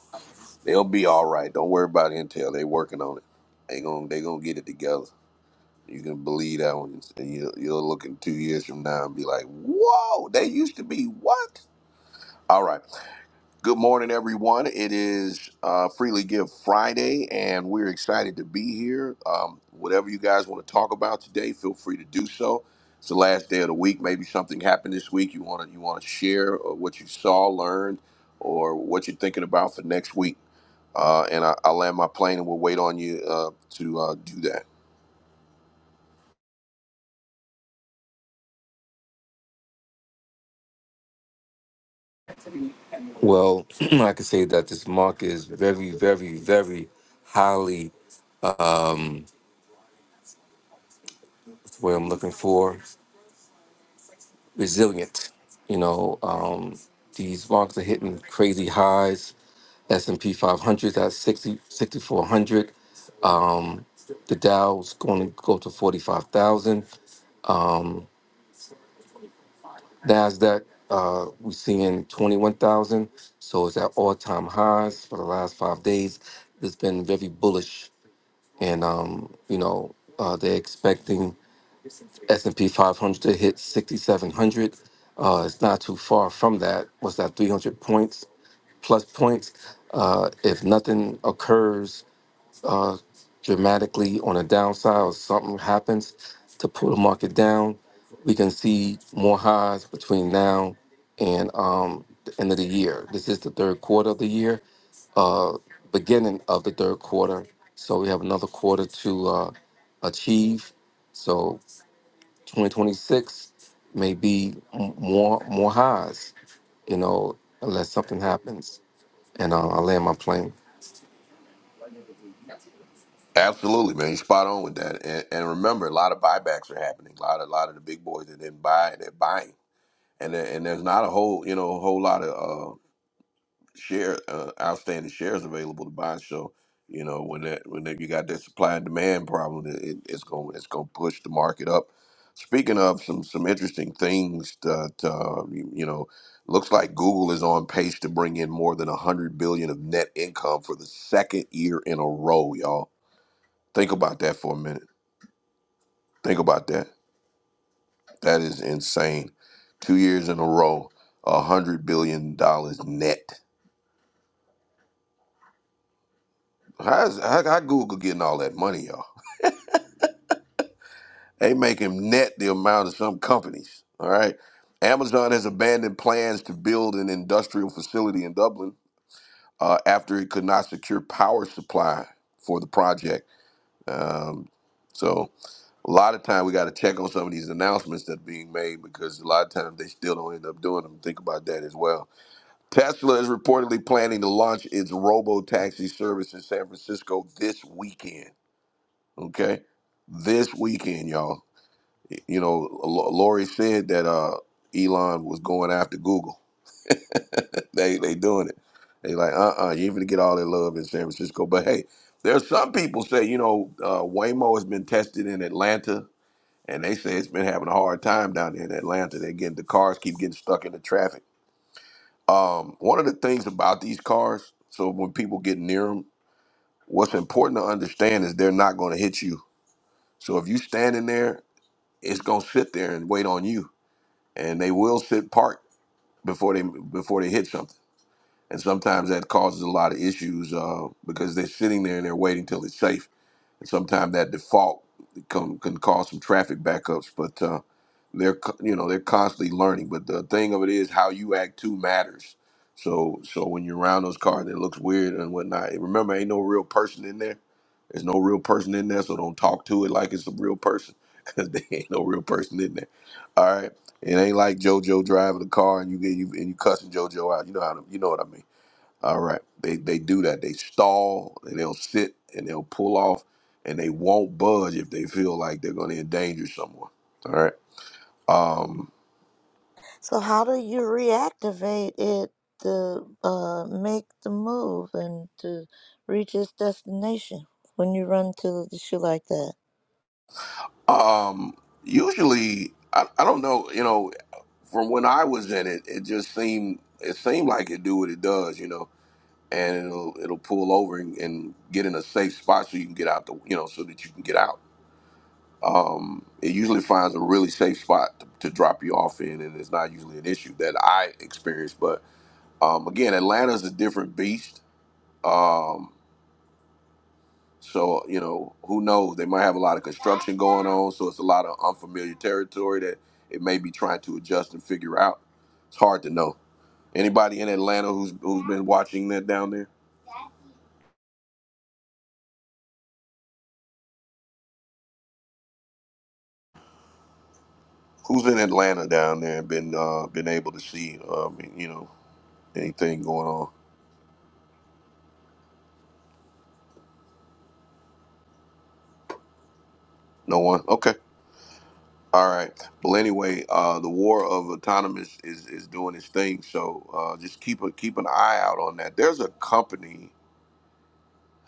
Speaker 1: they'll be all right. Don't worry about Intel. They working on it. They gonna they gonna get it together. You can believe that one, and you, you'll look in two years from now and be like, "Whoa, they used to be what?" All right. Good morning, everyone. It is uh, Freely Give Friday, and we're excited to be here. Um, whatever you guys want to talk about today, feel free to do so. It's the last day of the week. Maybe something happened this week. You want to you want to share uh, what you saw, learned, or what you're thinking about for next week. Uh, and I, I'll land my plane, and we'll wait on you uh, to uh, do that.
Speaker 7: Well, I can say that this market is very, very, very highly where I'm looking for resilient. You know, um, these markets are hitting crazy highs S&P 500 at 60, 6,400. Um, the Dow's going to go to 45,000. NASDAQ, uh, we're seeing 21,000. So it's at all-time highs for the last five days. It's been very bullish. And, um, you know, uh, they're expecting S&P 500 to hit 6,700. Uh, it's not too far from that. What's that, 300 points, plus points? Uh, if nothing occurs uh, dramatically on a downside or something happens to pull the market down, we can see more highs between now and um, the end of the year. This is the third quarter of the year, uh, beginning of the third quarter. So we have another quarter to uh, achieve. So 2026 may be m- more more highs, you know, unless something happens. And uh, I land my plane.
Speaker 1: Absolutely, man. You're spot on with that. And, and remember, a lot of buybacks are happening. A lot, a lot of the big boys that didn't buy, they're buying and there- and there's not a whole you know a whole lot of uh share uh, outstanding shares available to buy. So you know when that when that you got that supply and demand problem, it, it- it's going it's going to push the market up. Speaking of some some interesting things that uh, you, you know looks like Google is on pace to bring in more than a hundred billion of net income for the second year in a row, y'all. Think about that for a minute. Think about that. That is insane. Two years in a row, a hundred billion dollars net How's how, how Google getting all that money, y'all? They make him net the amount of some companies. All right. Amazon has abandoned plans to build an industrial facility in Dublin uh, after it could not secure power supply for the project. Um, so a lot of time we got to check on some of these announcements that are being made because a lot of times they still don't end up doing them. Think about that as well. Tesla is reportedly planning to launch its robo taxi service in San Francisco this weekend. Okay, this weekend, y'all. You know, L- Lori said that uh, Elon was going after Google. they they doing it. They like, uh, uh you ain't gonna get all that love in San Francisco. But hey, there's some people say, you know, uh, Waymo has been tested in Atlanta, and they say it's been having a hard time down there in Atlanta. They getting the cars keep getting stuck in the traffic. Um, one of the things about these cars, so when people get near them, what's important to understand is they're not going to hit you. So if you standing there it's gonna sit there and wait on you, and they will sit parked before they before they hit something. And sometimes that causes a lot of issues uh, because they're sitting there and they're waiting till it's safe and sometimes that default can, can cause some traffic backups. But uh, they're co- you know they're constantly learning. But the thing of it is, how you act too matters. So so when you're around those cars, it looks weird and whatnot. And Remember, ain't no real person in there. There's no real person in there, so don't talk to it like it's a real person, because there ain't no real person in there. All right, it ain't like JoJo driving the car and you get you and you cussing JoJo out. You know how to, you know what I mean. All right. They they do that. They stall and they'll sit and they'll pull off and they won't budge if they feel like they're gonna endanger someone. All right.
Speaker 6: so how do you reactivate it to uh, make the move and to reach its destination when you run to the issue like that?
Speaker 1: Um usually I, I don't know, you know, from when I was in it, it just seemed it seemed like it do what it does, you know, and it'll it'll pull over and, and get in a safe spot so you can get out the you know so that you can get out. Um, it usually finds a really safe spot to, to drop you off in, and it's not usually an issue that I experience. But Um, again, Atlanta's a different beast. Um, so you know, who knows? They might have a lot of construction going on, so it's a lot of unfamiliar territory that it may be trying to adjust and figure out. It's hard to know. Anybody in Atlanta who's who's been watching that down there? Who's in Atlanta down there and been uh, been able to see um, you know anything going on? No one. Okay. All right. Well, anyway, uh, the war of autonomous is, is doing its thing. So uh, just keep a keep an eye out on that. There's a company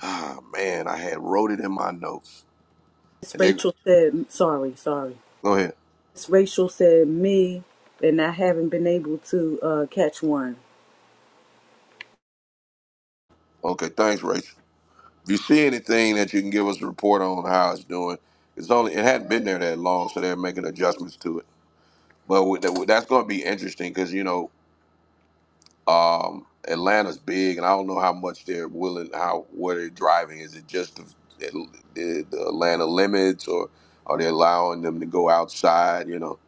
Speaker 1: Ah man, I had wrote it in my notes. And they
Speaker 2: Rachel said, sorry, sorry.
Speaker 1: go ahead.
Speaker 2: Miss Rachel said me, and I haven't been able to uh, catch one.
Speaker 1: Okay, thanks, Rachel. If you see anything that you can give us a report on how it's doing, it's only it hadn't been there that long, so they're making adjustments to it. But with that, that's going to be interesting because you know um, Atlanta's big, and I don't know how much they're willing, how what they're driving. Is it just the, the, the Atlanta limits, or are they allowing them to go outside? You know,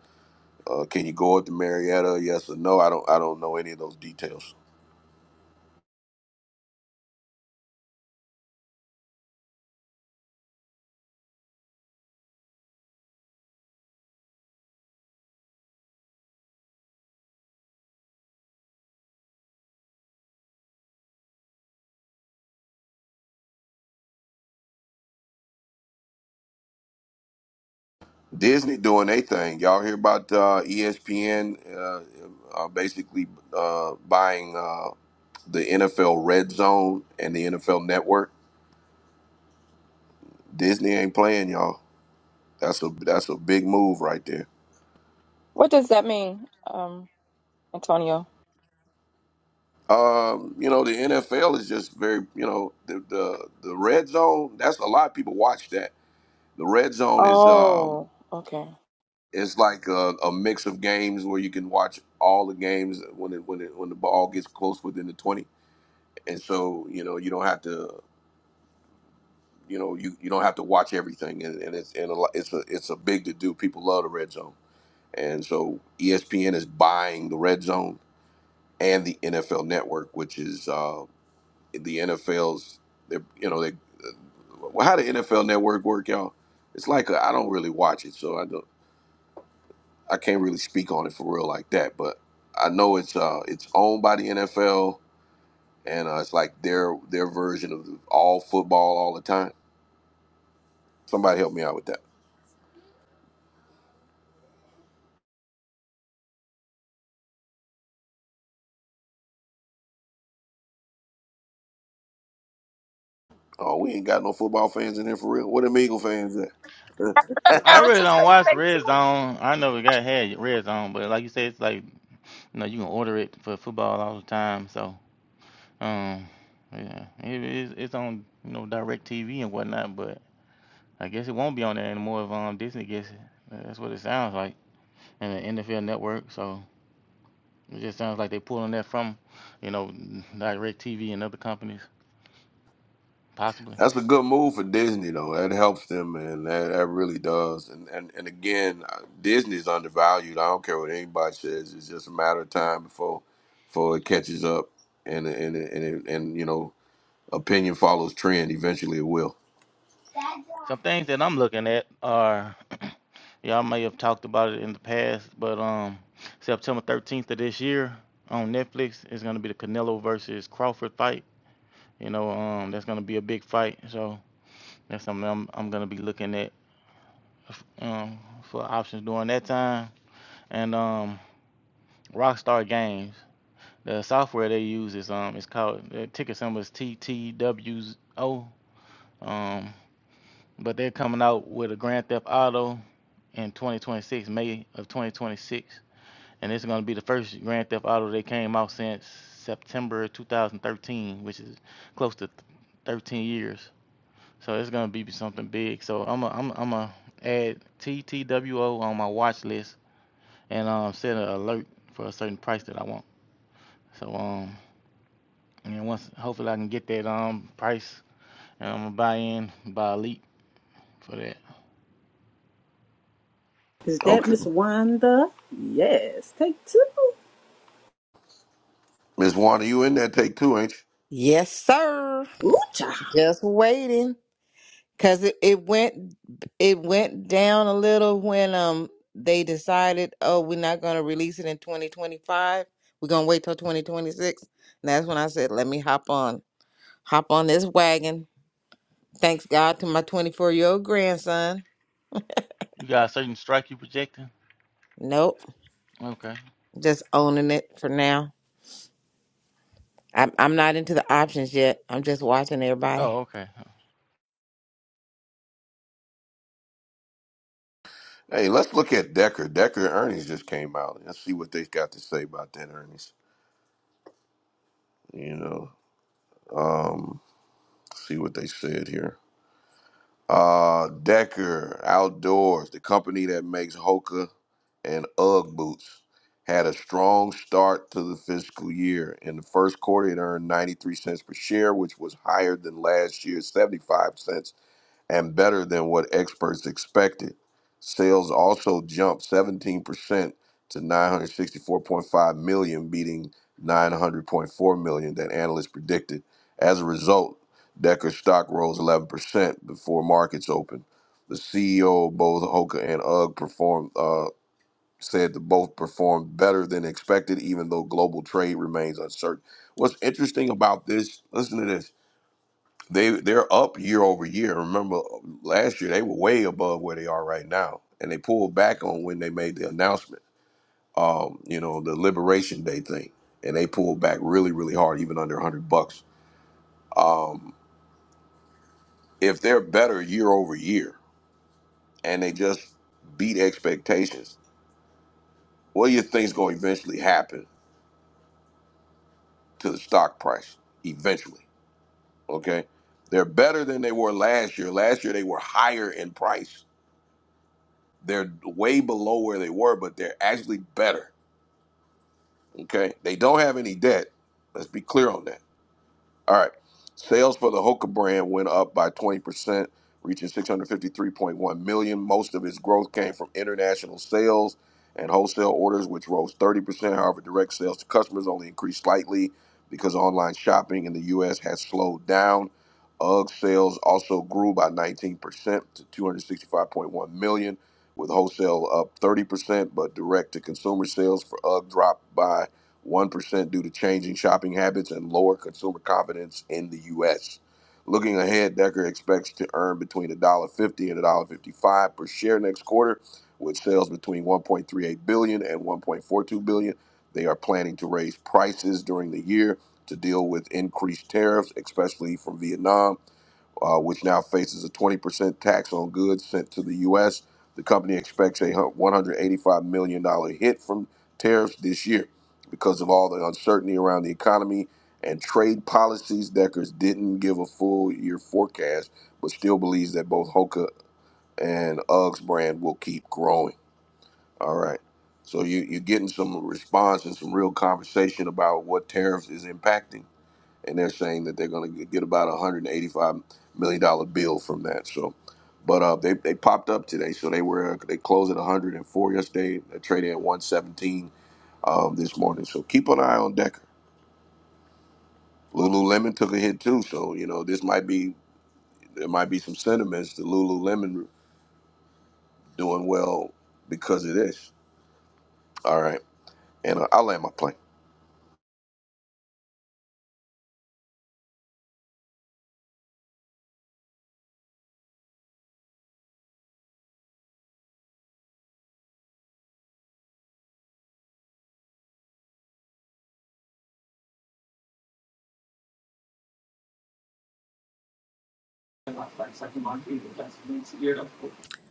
Speaker 1: uh, can you go up to Marietta? Yes or no? I don't. I don't know any of those details. Disney doing their thing. Y'all hear about uh, ESPN uh, uh, basically uh, buying uh, the NFL Red Zone and the NFL Network? Disney ain't playing, y'all. That's a that's a big move right there.
Speaker 4: What does that mean, um, Antonio?
Speaker 1: Um, you know, the NFL is just very, you know, the the, the Red Zone. That's a lot of people watch that. The Red Zone is um,
Speaker 4: Oh, okay.
Speaker 1: it's like a, a mix of games where you can watch all the games when it when it when the ball gets close within the twenty and so you know you don't have to You know, you, you don't have to watch everything, and, and it's and a, lo- it's a it's a big to do. People love the red zone, and so ESPN is buying the red zone and the NFL Network, which is uh, the NFL's. They're, you know, they well, how the NFL Network work, y'all? It's like I I don't really watch it, so I don't I can't really speak on it for real like that. But I know it's uh it's owned by the NFL, and uh, it's like their their version of all football all the time. Somebody help me out with that. Oh, we ain't got no football fans in here for real. What them Eagle fans at?
Speaker 5: I
Speaker 4: I was
Speaker 5: really
Speaker 4: just
Speaker 5: don't
Speaker 4: going to
Speaker 5: watch
Speaker 4: say,
Speaker 5: Red
Speaker 4: too.
Speaker 5: Zone. I know we got had Red Zone, but like you said, it's like you know you can order it for football all the time. So um, yeah, it is it's on you know Direct TV and whatnot, but I guess it won't be on there anymore if um Disney gets it. That's what it sounds like, and the NFL Network. So it just sounds like they're pulling that from you know Direct TV and other companies possibly.
Speaker 1: That's a good move for Disney though. That helps them, man. That, that really does. And and and again, uh, Disney's undervalued. I don't care what anybody says. It's just a matter of time before before it catches up. And and and and, and you know, opinion follows trend. Eventually, it will.
Speaker 5: Some things that I'm looking at are y'all may have talked about it in the past, but um, September 13th of this year on Netflix is going to be the Canelo versus Crawford fight. You know, um, that's going to be a big fight, so that's something I'm, I'm going to be looking at um, for options during that time. And um, Rockstar Games, the software they use is um, it's called the ticket symbol is TTWO. Um, but they're coming out with a Grand Theft Auto in 2026, May of 2026, and it's going to be the first Grand Theft Auto that came out since September 2013, which is close to 13 years. So it's going to be something big. So I'm i I'm i i am i gonna add TTWO on my watch list and um, set an alert for a certain price that I want. So um, and once hopefully I can get that um price and I'm gonna buy in buy elite for that.
Speaker 2: Is that
Speaker 1: Okay,
Speaker 2: Miss Wanda? Yes. Take two.
Speaker 1: Miss Wanda, you in there? Take two, ain't you?
Speaker 3: Yes, sir.
Speaker 2: Ooh, child.
Speaker 3: Just waiting. Cause it, it went it went down a little when um they decided, oh, we're not gonna release it in twenty twenty five. We're gonna wait till twenty twenty six. And that's when I said, Let me hop on hop on this wagon. Thanks God to my twenty four year old grandson.
Speaker 5: You got a certain strike you projecting?
Speaker 3: Nope.
Speaker 5: Okay.
Speaker 3: Just owning it for now. I'm I'm not into the options yet. I'm just watching everybody.
Speaker 5: Oh, okay.
Speaker 1: Hey, let's look at Decker. Decker earnings just came out. Let's see what they got to say about that earnings. You know, um, see what they said here. Uh, Decker Outdoors, the company that makes Hoka and UGG boots, had a strong start to the fiscal year. In the first quarter, it earned 93 cents per share, which was higher than last year's 75 cents and better than what experts expected. Sales also jumped 17% to 964.5 million, beating 900.4 million that analysts predicted. As a result, Decker stock rose 11% before markets opened. The CEO of both Hoka and UGG performed uh, said that both performed better than expected, even though global trade remains uncertain. What's interesting about this? Listen to this they they're up year over year. Remember last year they were way above where they are right now, and they pulled back on when they made the announcement. Um, you know the Liberation Day thing, and they pulled back really really hard, even under hundred bucks. Um, if they're better year over year, and they just beat expectations, what do you think's going to eventually happen to the stock price? Eventually, okay. They're better than they were last year. Last year they were higher in price They're way below where they were, but they're actually better. Okay, they don't have any debt. Let's be clear on that. All right. Sales for the Hoka brand went up by 20%, reaching 653.1 million. dollars. Most of its growth came from international sales and wholesale orders, which rose 30%. However, direct sales to customers only increased slightly because online shopping in the U.S. has slowed down. UGG sales also grew by 19% to 265.1 million, dollars, with wholesale up 30%, but direct to consumer sales for UGG dropped by 1% due to changing shopping habits and lower consumer confidence in the U.S. Looking ahead, Decker expects to earn between one dollar fifty and one dollar fifty-five per share next quarter, with sales between $1.38 billion dollars and $1.42 billion. dollars. They are planning to raise prices during the year to deal with increased tariffs, especially from Vietnam uh, which now faces a 20% tax on goods sent to the U.S. The company expects a hun- $185 million dollars hit from tariffs this year. Because of all the uncertainty around the economy and trade policies, Deckers didn't give a full year forecast, but still believes that both Hoka and Uggs brand will keep growing. All right. So you, you're getting some response and some real conversation about what tariffs is impacting and they're saying that they're going to get about a hundred and eighty-five million dollar bill from that. So, but uh, they they popped up today, so they were they closed at one hundred and four yesterday. They traded at one seventeen um, this morning. So keep an eye on Decker. Lululemon took a hit too, so you know this might be there might be some sentiments to Lululemon doing well because of this. All right, and uh, I'll land my plane.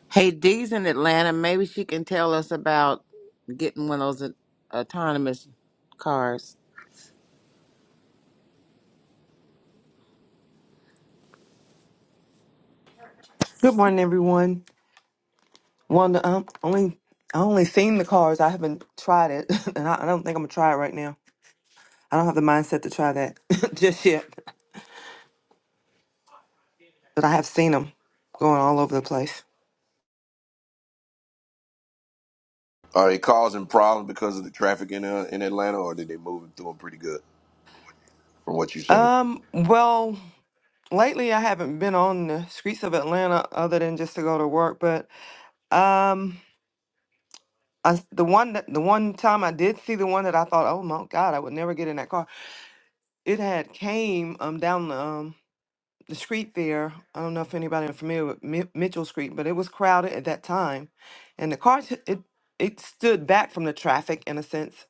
Speaker 3: Hey, Dee's in Atlanta. Maybe she can tell us about getting one of those au- autonomous cars.
Speaker 12: Good morning, everyone. Wanda, um, only I only seen the cars. I haven't tried it, and I, I don't think I'm gonna try it right now. I don't have the mindset to try that just yet. But I have seen them going all over the place.
Speaker 1: Are they causing problems because of the traffic in uh, in Atlanta, or did they move it through them pretty good from what you've seen?
Speaker 12: Um, well, lately I haven't been on the streets of Atlanta other than just to go to work. But um, I s the one that the one time I did see the one that I thought, oh my God, I would never get in that car. It had came um down the um the street fair. I don't know if anybody is familiar with Mi- Mitchell Street, but it was crowded at that time, and the cars it it stood back from the traffic in a sense.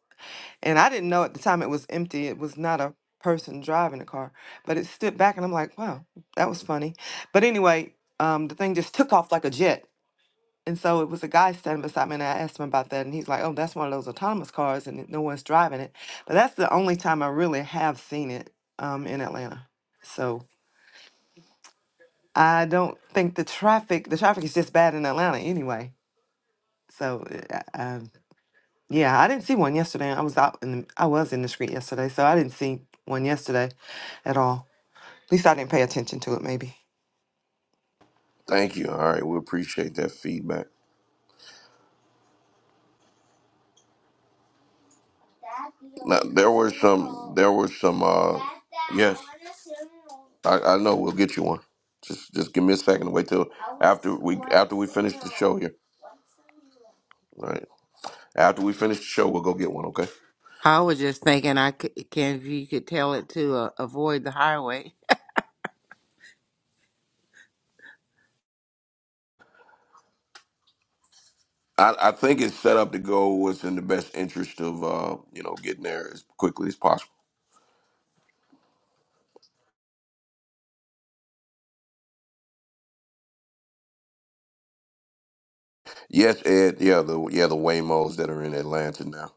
Speaker 12: And I didn't know at the time it was empty. It was not a person driving the car, but it stood back, and I'm like, wow, that was funny. But anyway, um, the thing just took off like a jet. And so it was a guy standing beside me, and I asked him about that, and he's like, "Oh, that's one of those autonomous cars, and no one's driving it." But that's the only time I really have seen it um, in Atlanta. So I don't think the traffic, the traffic is just bad in Atlanta anyway. So, uh, uh, um, yeah, I didn't see one yesterday. I was out in the, I was in the street yesterday, so I didn't see one yesterday at all. At least I didn't pay attention to it, maybe.
Speaker 1: Thank you. All right, we appreciate that feedback. Now, there were some. There were some. Uh, yes. I, I know. We'll get you one. Just just give me a second. Wait till after we after we finish the show here. All right. After we finish the show, we'll go get one. Okay.
Speaker 3: I was just thinking, I c- can if you could tell it to uh, avoid the highway.
Speaker 1: I, I think it's set up to go what's in the best interest of uh, you know getting there as quickly as possible. Yes, Ed. Yeah, the yeah the Waymos that are in Atlanta now.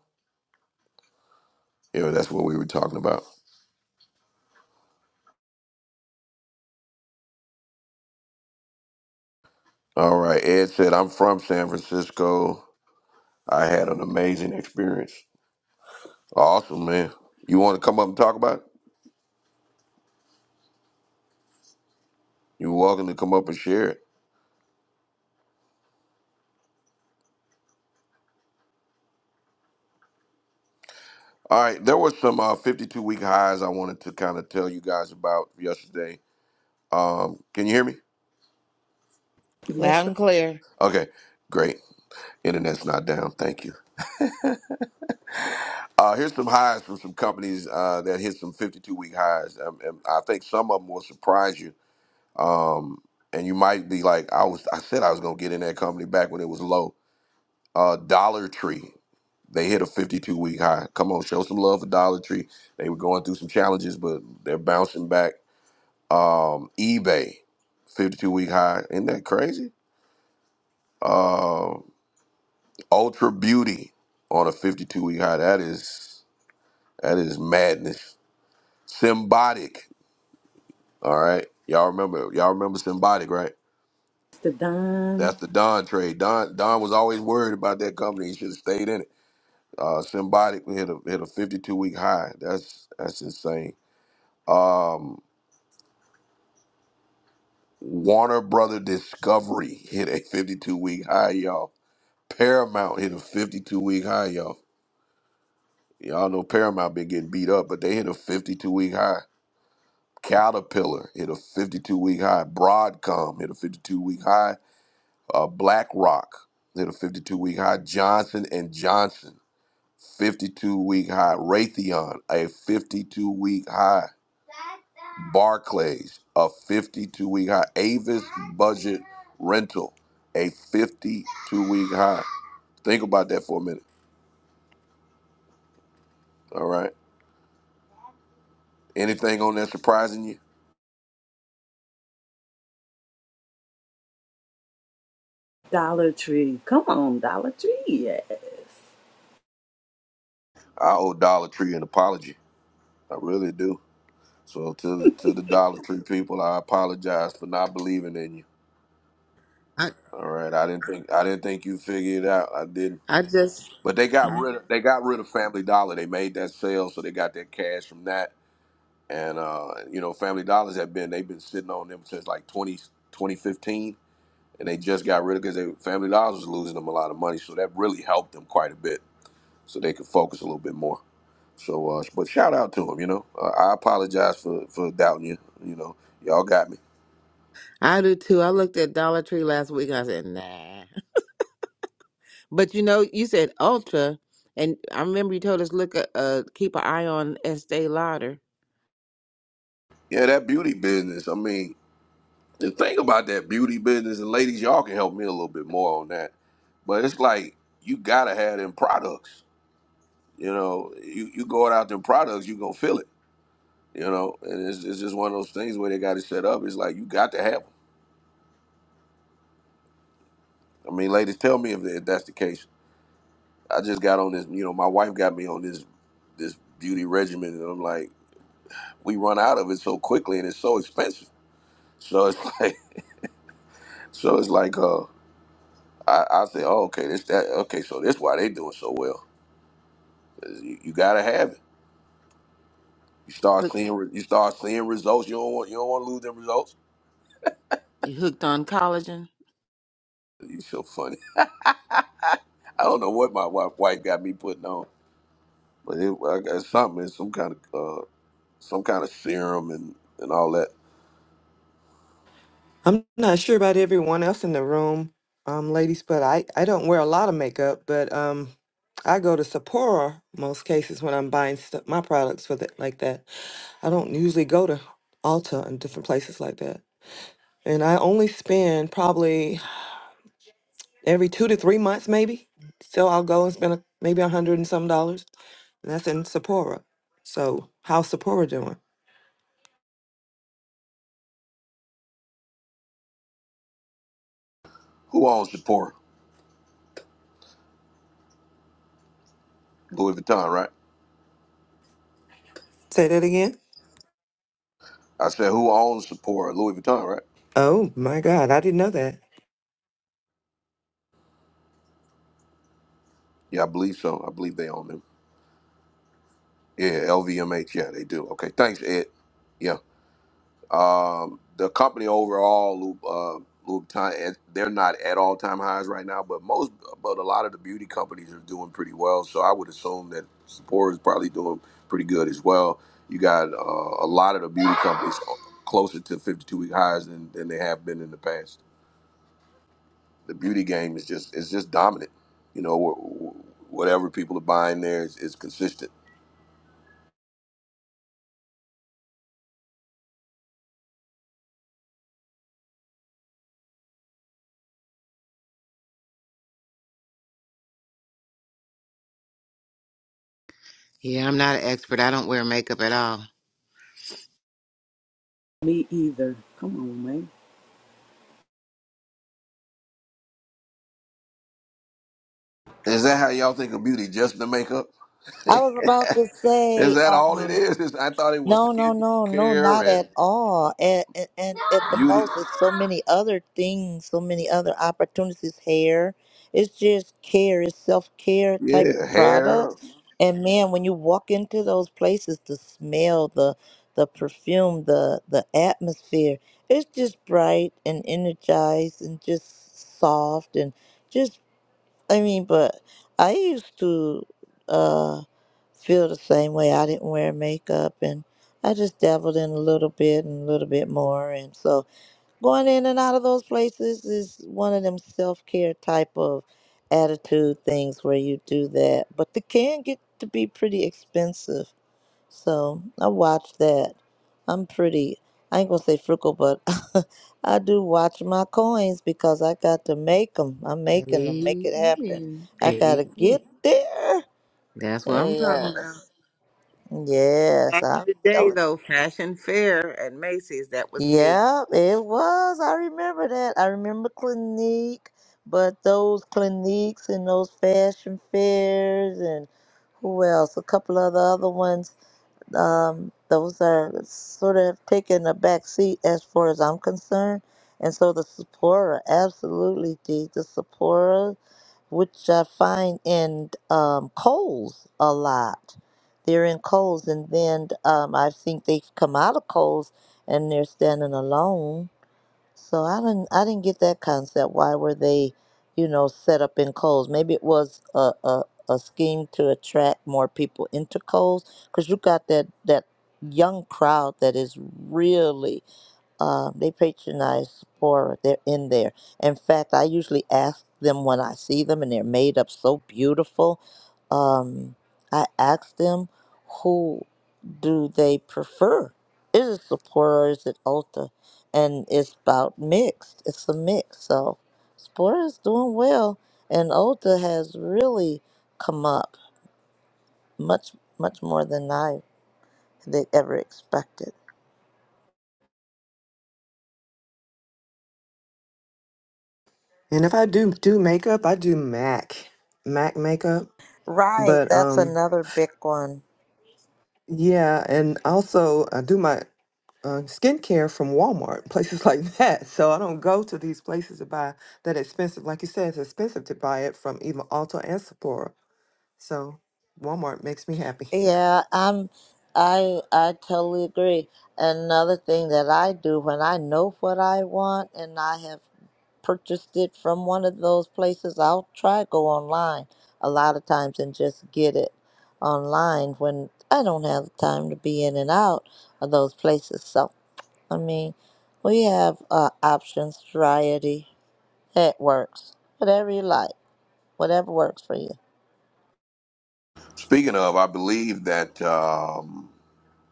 Speaker 1: Yeah, that's what we were talking about. All right. Ed said I'm from San Francisco. I had an amazing experience. Awesome, man. You want to come up and talk about it? You're welcome to come up and share it. All right, there was some uh, 52 week highs I wanted to kind of tell you guys about yesterday. Um, can you hear me?
Speaker 2: Yes,
Speaker 3: Loud
Speaker 2: sir.
Speaker 3: and clear.
Speaker 1: Okay, great. Internet's not down. Thank you. Uh, here's some highs from some companies uh, that hit some 52 week highs. Um, and I think some of them will surprise you. Um, and you might be like, I was, I said I was gonna get in that company back when it was low. Uh, Dollar Tree. They hit a 52 week high. Come on, show some love for Dollar Tree. They were going through some challenges, but they're bouncing back. Um, eBay, 52 week high. Isn't that crazy? Um, Ultra Beauty on a 52 week high. That is that is madness. Symbotic. All right, y'all remember y'all remember Symbotic, right?
Speaker 2: It's the
Speaker 1: That's
Speaker 2: Don
Speaker 1: the Don trade. Don Don was always worried about that company. He should have stayed in it. Uh, Symbotic hit a hit a 52 week high. That's that's insane. Um, Warner Brother Discovery hit a 52 week high, y'all. Paramount hit a 52 week high, y'all. Y'all know Paramount been getting beat up, but they hit a 52 week high. Caterpillar hit a 52 week high. Broadcom hit a 52 week high. Uh, BlackRock hit a 52 week high. Johnson and Johnson 52 week high. Raytheon, a 52 week high. Barclays, a 52 week high. Avis Budget Rental, a 52 week high. Think about that for a minute. All right. Anything on that surprising you?
Speaker 2: Dollar Tree. Come on, Dollar Tree. Yeah.
Speaker 1: I owe Dollar Tree an apology. I really do. So to to the Dollar Tree people, I apologize for not believing in you.
Speaker 3: I
Speaker 1: All right. I didn't think I didn't think you figured it out. I didn't.
Speaker 3: I just
Speaker 1: But they got rid of they got rid of Family Dollar. They made that sale, so they got their cash from that. And uh, you know, Family Dollars have been they've been sitting on them since like 20 2015, and they just got rid of because they Family Dollars was losing them a lot of money, so that really helped them quite a bit, so they could focus a little bit more. So, uh, but shout out to them, you know. Uh, I apologize for for doubting you, you know. Y'all got me.
Speaker 3: I do too. I looked at Dollar Tree last week. I said nah, but you know, you said Ultra, and I remember you told us look at uh, keep an eye on Estee Lauder.
Speaker 1: Yeah, that beauty business. I mean. the thing about that beauty business and ladies, y'all can help me a little bit more on that. But it's like you gotta have them products. You know, you, you going out them products, you gonna feel it. You know, and it's, it's just one of those things where they got it set up. It's like you got to have them. I mean, ladies, tell me if, if that's the case. I just got on this. You know, my wife got me on this this beauty regimen, and I'm like, we run out of it so quickly, and it's so expensive. So it's like, so it's like, uh, I, I say, oh, okay, this that, okay, so this why they doing so well You, you gotta have it. You start seeing re- you start seeing results. You don't want you don't want to lose them results.
Speaker 3: You hooked on collagen?
Speaker 1: You so funny. I don't know what my wife wife got me putting on, but it, I got something, some kind of uh, some kind of serum and and all that.
Speaker 12: I'm not sure about everyone else in the room, um, ladies, but I, I don't wear a lot of makeup, but um, I go to Sephora most cases when I'm buying st- my products for that like that. I don't usually go to Ulta and different places like that. And I only spend probably every two to three months, maybe. So I'll go and spend a, maybe a hundred and some dollars. And that's in Sephora. So how's Sephora doing?
Speaker 1: Who owns Sephora? Louis Vuitton, right?
Speaker 12: Say that again.
Speaker 1: I said who owns Sephora? Louis Vuitton, right?
Speaker 12: Oh my God, I didn't know that.
Speaker 1: Yeah, I believe so. I believe they own them. Yeah, LVMH. Yeah, they do. Okay, thanks, Ed. Yeah. Um, the company overall, Lu- uh, Louboutin, they're not at all time highs right now, but most, but a lot of the beauty companies are doing pretty well. So I would assume that Sephora is probably doing pretty good as well. You got uh, a lot of the beauty companies closer to 52 week highs than, than they have been in the past. The beauty game is just it's just dominant. You know, wh- wh- whatever people are buying there is, is consistent.
Speaker 3: Yeah, I'm not an expert. I don't wear makeup at all.
Speaker 2: Me either. Come on, man.
Speaker 1: Is that how y'all think of beauty? Just the makeup?
Speaker 6: I was about to
Speaker 1: Is
Speaker 6: say,
Speaker 1: that all it
Speaker 6: um,
Speaker 1: is? Is I thought it was
Speaker 6: No, no, no, no, not
Speaker 1: skincare
Speaker 6: at all. And, and, and at the
Speaker 1: Beauty,
Speaker 6: most, it's so many other things, so many other opportunities. Hair, it's just care, it's self care type
Speaker 1: yeah,
Speaker 6: of
Speaker 1: hair.
Speaker 6: products. And man, when you walk into those places, the smell, the the perfume, the the atmosphere, it's just bright and energized and just soft and just I mean, but I used to uh, feel the same way. I didn't wear makeup, and I just dabbled in a little bit and a little bit more. And so, going in and out of those places is one of them self care type of attitude things where you do that, but they can get to be pretty expensive. So I watch that. I'm pretty, I ain't gonna say frugal, but I do watch my coins because I got to make them. I'm making them, make it happen.
Speaker 3: Amen.
Speaker 6: I gotta
Speaker 3: Amen.
Speaker 6: get there.
Speaker 3: That's what I'm talking.
Speaker 6: Yes, yes,
Speaker 3: Back in
Speaker 6: I'm
Speaker 3: the day,
Speaker 6: telling.
Speaker 3: though, fashion fair at Macy's, that was me.
Speaker 6: Yeah, it was. I remember that. I remember Clinique, but those Cliniques and those fashion fairs and who else? A couple of the other ones um, those are sort of taking a back seat as far as I'm concerned. And so the Sephora, absolutely, the, the Sephora, which I find in um, Kohl's a lot. They're in Kohl's, and then um, I think they've come out of Kohl's and they're standing alone so I didn't I didn't get that concept. Why were they, you know, set up in Kohl's? Maybe it was a a, a scheme to attract more people into Kohl's because you got that that young crowd that is really um, they patronize Sephora. They're in there. In fact, I usually ask them when I see them, and they're made up so beautiful. Um, I ask them, who do they prefer? Is it Sephora or is it Ulta? And it's about mixed. It's a mix. So Sephora is doing well, and Ulta has really come up much, much more than I they ever expected.
Speaker 12: And if I do do makeup, I do MAC, MAC makeup.
Speaker 6: Right,
Speaker 12: But
Speaker 6: that's
Speaker 12: um,
Speaker 6: another big one.
Speaker 12: yeah, and also I do my uh, skincare from Walmart, places like that. So I don't go to these places to buy that expensive. Like you said, it's expensive to buy it from even Ulta and Sephora. So Walmart makes me happy.
Speaker 6: Yeah, I'm I I totally agree. Another thing that I do when I know what I want and I have purchased it from one of those places, I'll try go online a lot of times and just get it online when I don't have the time to be in and out of those places. So, I mean, we have uh, options, variety. It works. Whatever you like, whatever works for you.
Speaker 1: Speaking of, I believe that um,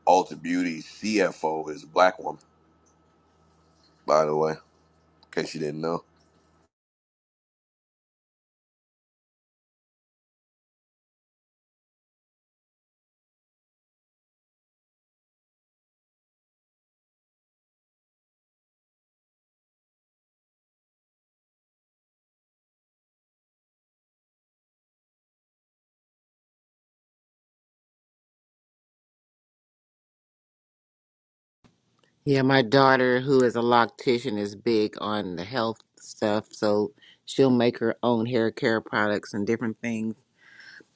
Speaker 1: Ulta Beauty CFO is a black woman, by the way, in case you didn't know.
Speaker 3: Yeah, my daughter, who is a loctician, is big on the health stuff, so she'll make her own hair care products and different things,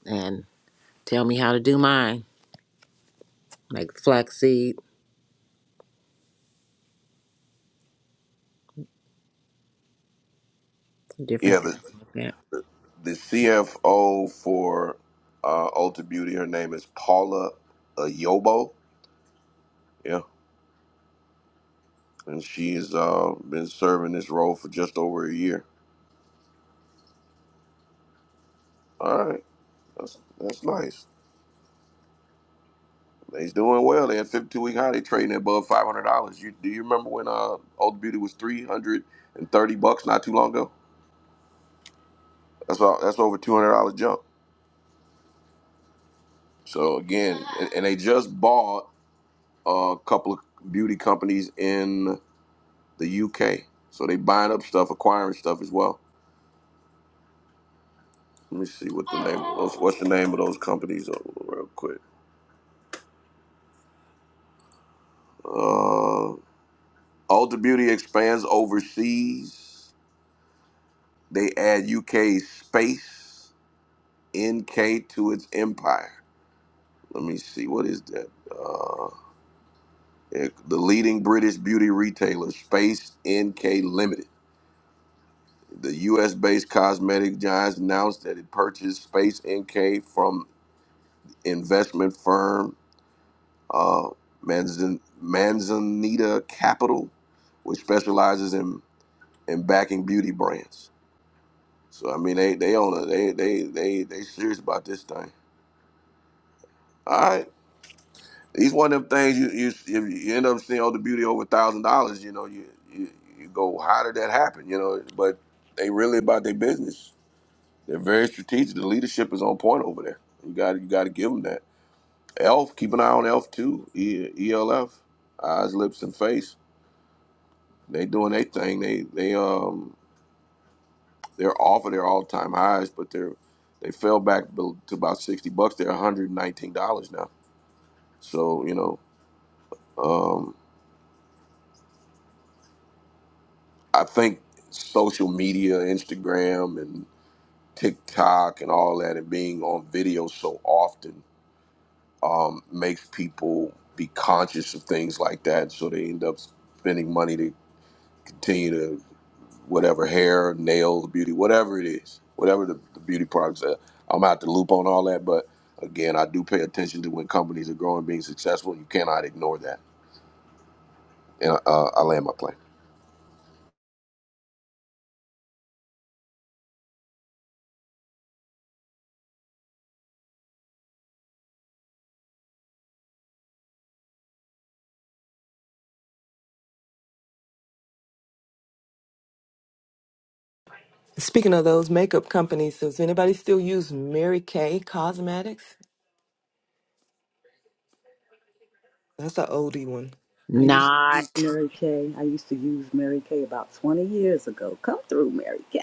Speaker 3: and tell me how to do mine, like flaxseed,
Speaker 1: Yeah,
Speaker 3: different things
Speaker 1: the,
Speaker 3: like that.
Speaker 1: the CFO for uh, Ulta Beauty, her name is Paula Ayobo. Yeah, and she's uh, been serving this role for just over a year. All right, that's that's nice. They's doing well. They had 52 week high. They trading above $500. You do you remember when uh, Ulta Beauty was 330 bucks not too long ago? That's about that's over two hundred dollar jump. So again, and, and they just bought a couple of beauty companies in the UK. So they buying up stuff, acquiring stuff as well. Let me see what the name what's, what's the name of those companies uh, real quick. Uh, Ulta Beauty expands overseas. They add UK space NK to its empire. Let me see what is that. Uh, it- the leading British beauty retailer Space NK Limited The U.S. based cosmetic giants announced that it purchased Space NK from investment firm uh, Manzan- Manzanita Capital, which specializes in, in backing beauty brands. So I mean, they they own it. They they they they serious about this thing. All right, these one of them things you you if you end up seeing all the beauty over a thousand dollars, you know you, you you go how did that happen? You know, but they really about their business. They're very strategic. The leadership is on point over there. You got you got to give them that. Elf, keep an eye on Elf too. E- ELF, eyes, lips, and face. They doing their thing. They they um they're off of their all time highs, but they're they fell back be- to about sixty bucks. They're one hundred and nineteen dollars now. So you know, um, I think social media, Instagram, and TikTok, and all that, and being on video so often um, makes people be conscious of things like that. So they end up spending money to continue to whatever hair, nails, beauty, whatever it is, whatever the, the beauty products are. I'm out the loop on all that, but again, I do pay attention to when companies are growing, being successful. You cannot ignore that. And uh, I land my plane.
Speaker 12: Speaking of those makeup companies, does anybody still use Mary Kay Cosmetics? That's an oldie one.
Speaker 2: I used to use
Speaker 3: Not.
Speaker 2: Mary Kay. I used to use Mary Kay about 20 years ago. Come through, Mary Kay.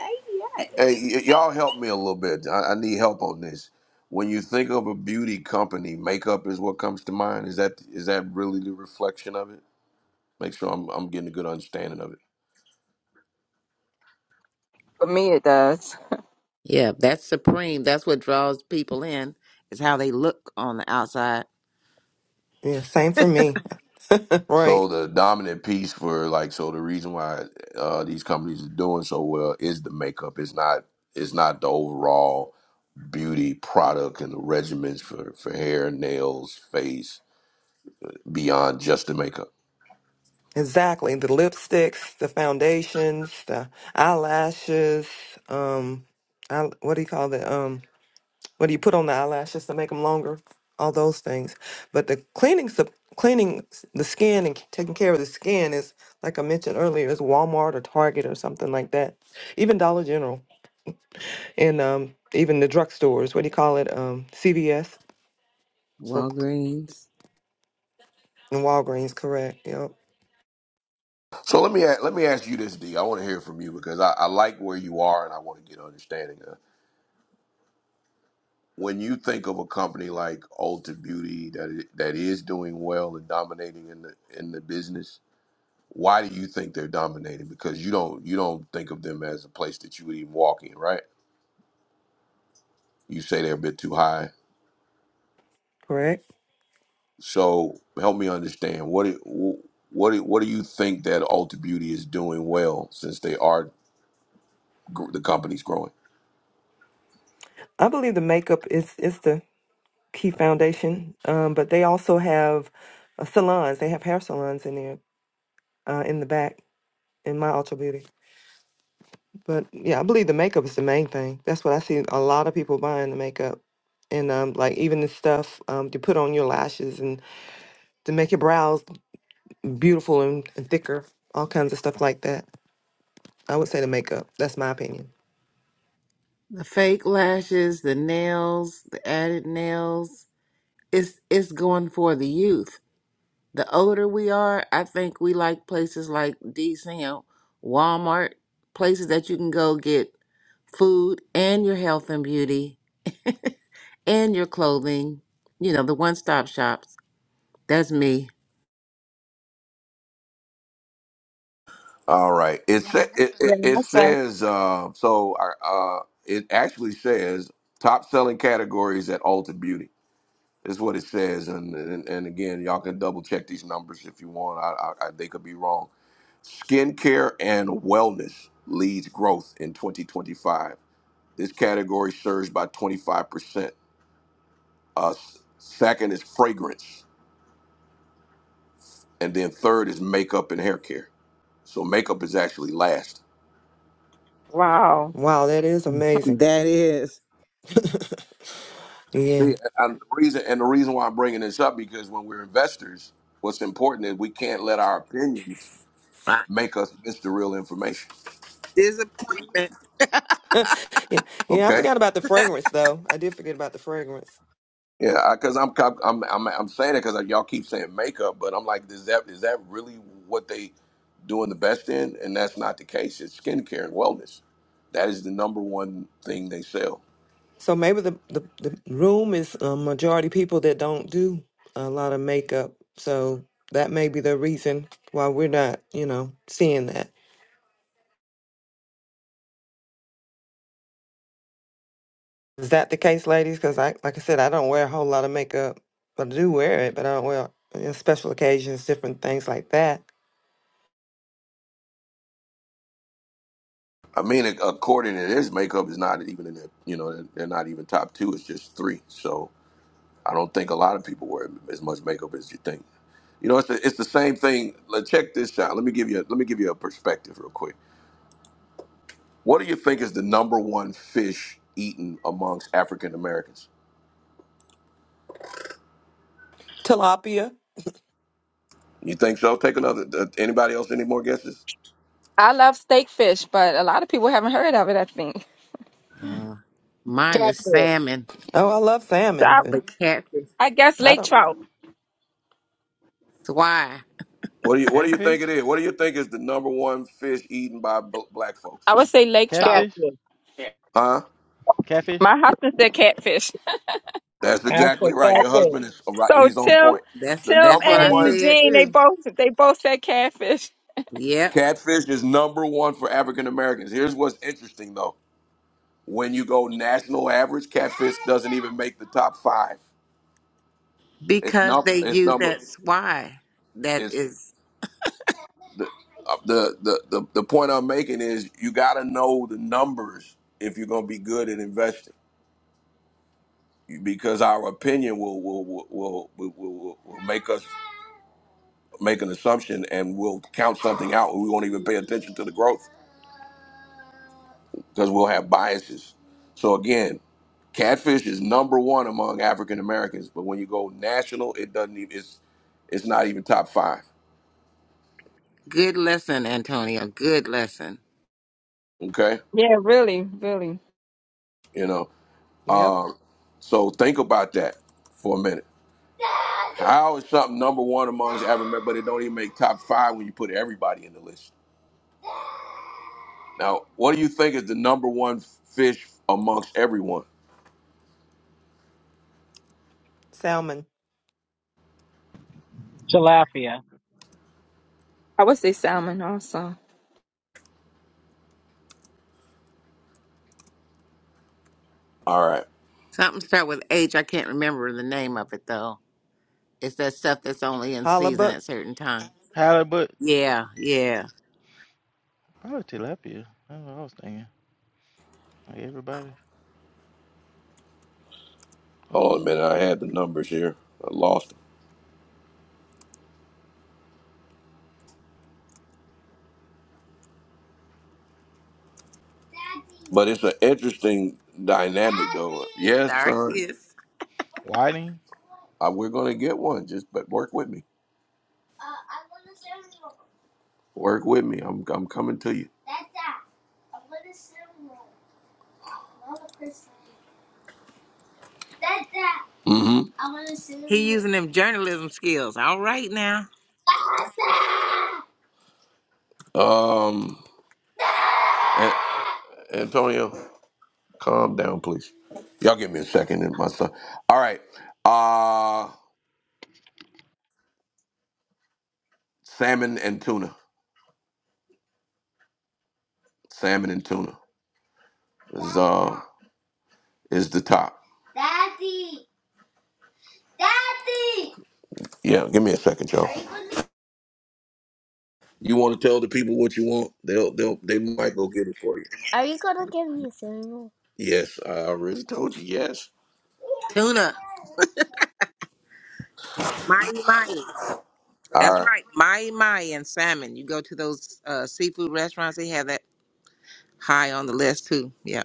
Speaker 2: Yes.
Speaker 1: Hey, y- y'all help me a little bit. I, I need help on this. When you think of a beauty company, makeup is what comes to mind. Is that is that really the reflection of it? Make sure I'm I'm getting a good understanding of it.
Speaker 4: For me, it does.
Speaker 3: Yeah, that's supreme. That's what draws people in. Is how they look on the outside.
Speaker 12: Yeah, same for me.
Speaker 1: So
Speaker 12: right.
Speaker 1: the dominant piece for like so the reason why uh, these companies are doing so well is the makeup. It's not it's not the overall beauty product and the regimens for for hair, nails, face beyond just the makeup.
Speaker 12: Exactly. The lipsticks, the foundations, the eyelashes, um I, what do you call that? Um what do you put on the eyelashes to make them longer? All those things. But the cleaning sup- cleaning s- the skin and c- taking care of the skin is like I mentioned earlier, is Walmart or Target or something like that. Even Dollar General. and um, even the drugstores. What do you call it? Um, CVS for
Speaker 3: Walgreens.
Speaker 12: and Walgreens. Correct. Yep.
Speaker 1: So let me a- let me ask you this, D. I want to hear from you because I, I like where you are and I want to get understanding of. When you think of a company like Ulta Beauty that i- that is doing well and dominating in the in the business, Why do you think they're dominating? Because you don't you don't think of them as a place that you would even walk in, right? You say they're a bit too high.
Speaker 12: Correct.
Speaker 1: So help me understand what it, wh- what it, what do you think that Ulta Beauty is doing well since they are gr- the company's growing?
Speaker 12: I believe the makeup is is the key foundation, um, but they also have uh, salons. They have hair salons in there uh, in the back in my Ultra Beauty. But yeah, I believe the makeup is the main thing. That's what I see a lot of people buying the makeup. And um, like even the stuff um, to put on your lashes and to make your brows beautiful and, and thicker, all kinds of stuff like that. I would say the makeup. That's my opinion.
Speaker 3: The fake lashes, the nails, the added nails. It's it's going for the youth. The older we are, I think we like places like DCM, Walmart, places that you can go get food and your health and beauty and your clothing. You know, the one stop shops. That's me.
Speaker 1: All right. It sa- it,
Speaker 4: Yeah,
Speaker 1: it, it
Speaker 4: that's it.
Speaker 1: says uh, so. Uh, it actually says top selling categories at Ulta Beauty. Is what it says, and, and and again, y'all can double check these numbers if you want. I, I, I they could be wrong Skincare and wellness leads growth in 2025. This category surged by 25%. Uh, s- second is fragrance. And then third is makeup and hair care. So makeup is actually last.
Speaker 4: Wow.
Speaker 12: Wow, that is amazing.
Speaker 3: That is
Speaker 12: Yeah.
Speaker 1: See, and the reason and the reason why I'm bringing this up because when we're investors, what's important is we can't let our opinions
Speaker 3: Ah.
Speaker 1: make us miss the real information.
Speaker 3: disappointment.
Speaker 12: yeah. Yeah, I
Speaker 1: Okay,
Speaker 12: forgot about the fragrance though. I did forget about the fragrance.
Speaker 1: Yeah, because I'm, I'm I'm I'm saying it because y'all keep saying makeup, but I'm like, is that is that really what they doing the best in? And that's not the case. It's skincare and wellness. That is the number one thing they sell.
Speaker 12: So maybe the the, the room is a majority people that don't do a lot of makeup. So that may be the reason why we're not, you know, seeing that. Is that the case, ladies? Cuz I like I said I don't wear a whole lot of makeup. But I do wear it, but I don't wear it in special occasions, different things like that.
Speaker 1: I mean, ac- according to this, makeup is not even in their you know they're they're not even top two. It's just three. So I don't think a lot of people wear as much makeup as you think. You know, it's the, it's the same thing. Let check this out. Let me give you a, let me give you a perspective real quick. What do you think is the number one fish eaten amongst African Americans?
Speaker 12: Tilapia.
Speaker 1: You think so? Take another. Uh, anybody else? Any more guesses?
Speaker 4: I love steak fish, but a lot of people haven't heard of it, I think.
Speaker 3: Mine is
Speaker 13: Catfish,
Speaker 3: salmon,
Speaker 12: Oh, I love
Speaker 4: So
Speaker 12: salmon,
Speaker 4: I,
Speaker 12: but
Speaker 3: but catfish.
Speaker 4: I guess
Speaker 12: I
Speaker 4: lake
Speaker 12: don't.
Speaker 4: trout.
Speaker 3: That's why.
Speaker 1: What do you What do you think
Speaker 5: Catfish?
Speaker 1: it is? What do you think is the number one fish eaten by b- black folks?
Speaker 4: I would say lake trout.
Speaker 5: Catfish?
Speaker 13: catfish.
Speaker 1: Huh?
Speaker 5: Catfish,
Speaker 4: My husband said catfish.
Speaker 1: That's
Speaker 13: I say
Speaker 1: exactly right. Your
Speaker 13: catfish.
Speaker 1: husband is right.
Speaker 4: So
Speaker 1: He's on
Speaker 4: Tim,
Speaker 1: point.
Speaker 3: That's
Speaker 1: The
Speaker 4: Tim
Speaker 3: that's
Speaker 1: number
Speaker 3: what I
Speaker 4: and
Speaker 1: one
Speaker 3: said
Speaker 4: Eugene,
Speaker 1: fish,
Speaker 4: they
Speaker 3: too.
Speaker 4: both, They both said catfish.
Speaker 3: Yep.
Speaker 1: catfish is number one for African Americans. Here's what's interesting though. When you go national average, catfish doesn't even make the top five. It's
Speaker 3: Because
Speaker 1: num
Speaker 3: they
Speaker 1: it's
Speaker 3: use
Speaker 1: number
Speaker 3: that why. That
Speaker 1: it's
Speaker 3: is
Speaker 1: the uh, the the the, the point I'm making is you got to know the numbers if you're going to be good at investing because our opinion will will will will, will, will, will make us make an assumption and we'll count something out and we won't even pay attention to the growth because we'll have biases. So again, catfish is number one among African Americans, but when you go national, it doesn't even it's it's not even top five.
Speaker 3: good lesson, Antonio. Good lesson.
Speaker 1: Okay,
Speaker 4: Yeah, really, really.
Speaker 1: you know.
Speaker 12: Yep,
Speaker 1: Um, so think about that for a minute. How is something number one among the ever, but it don't even make top five when you put everybody in the list? Now, what do you think is the number one fish amongst everyone?
Speaker 12: salmon.
Speaker 13: Tilapia.
Speaker 4: I would say salmon also.
Speaker 1: All right,
Speaker 3: Something start with H. I can't remember the name of it though. It's that stuff that's only in season
Speaker 12: Halibut.
Speaker 3: at certain times.
Speaker 5: halibut,
Speaker 3: Yeah, yeah.
Speaker 5: probably tilapia. That's what I was thinking. Like everybody,
Speaker 1: hold on a minute. I had the numbers here. I lost them. But it's an interesting dynamic, though. Yes,
Speaker 3: Sorry,
Speaker 1: son.
Speaker 3: kiss.
Speaker 5: whiting.
Speaker 1: Uh, we're gonna get one. Just but work with me. Work with me. I'm I'm coming to you. Mm-hmm.
Speaker 3: He using them journalism skills. All right now.
Speaker 1: Um, An- Antonio, calm down, please. Y'all give me a second, and my son. All right. Uh, Salmon and tuna. Salmon and tuna is uh is the top. Yeah, give me a second, y'all. You want to tell the people what you want? They'll they'll they might go get it for you. Yes, I already told you. Yes.
Speaker 3: Tuna. Mai Mai. That's
Speaker 1: All right.
Speaker 3: right. Mai Mai and salmon. You go to those uh, seafood restaurants, they have that high on the list too. Yeah.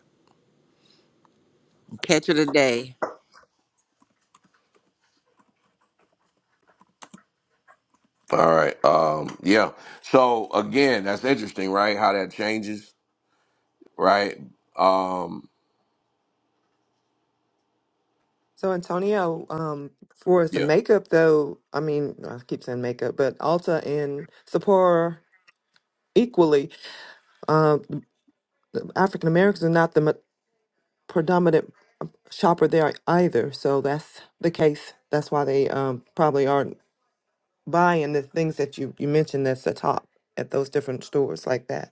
Speaker 3: Catch of the day.
Speaker 1: All right. Um. Yeah. So again, that's interesting, right? How that changes, right? Um.
Speaker 12: So Antonio, um, for the
Speaker 1: Yeah.
Speaker 12: makeup though, I mean, I keep saying makeup, but Ulta and Sephora equally, uh, African Americans are not the ma- predominant shopper there either. So that's the case. That's why they um, probably aren't buying the things that you, you mentioned that's the top at those different stores like that.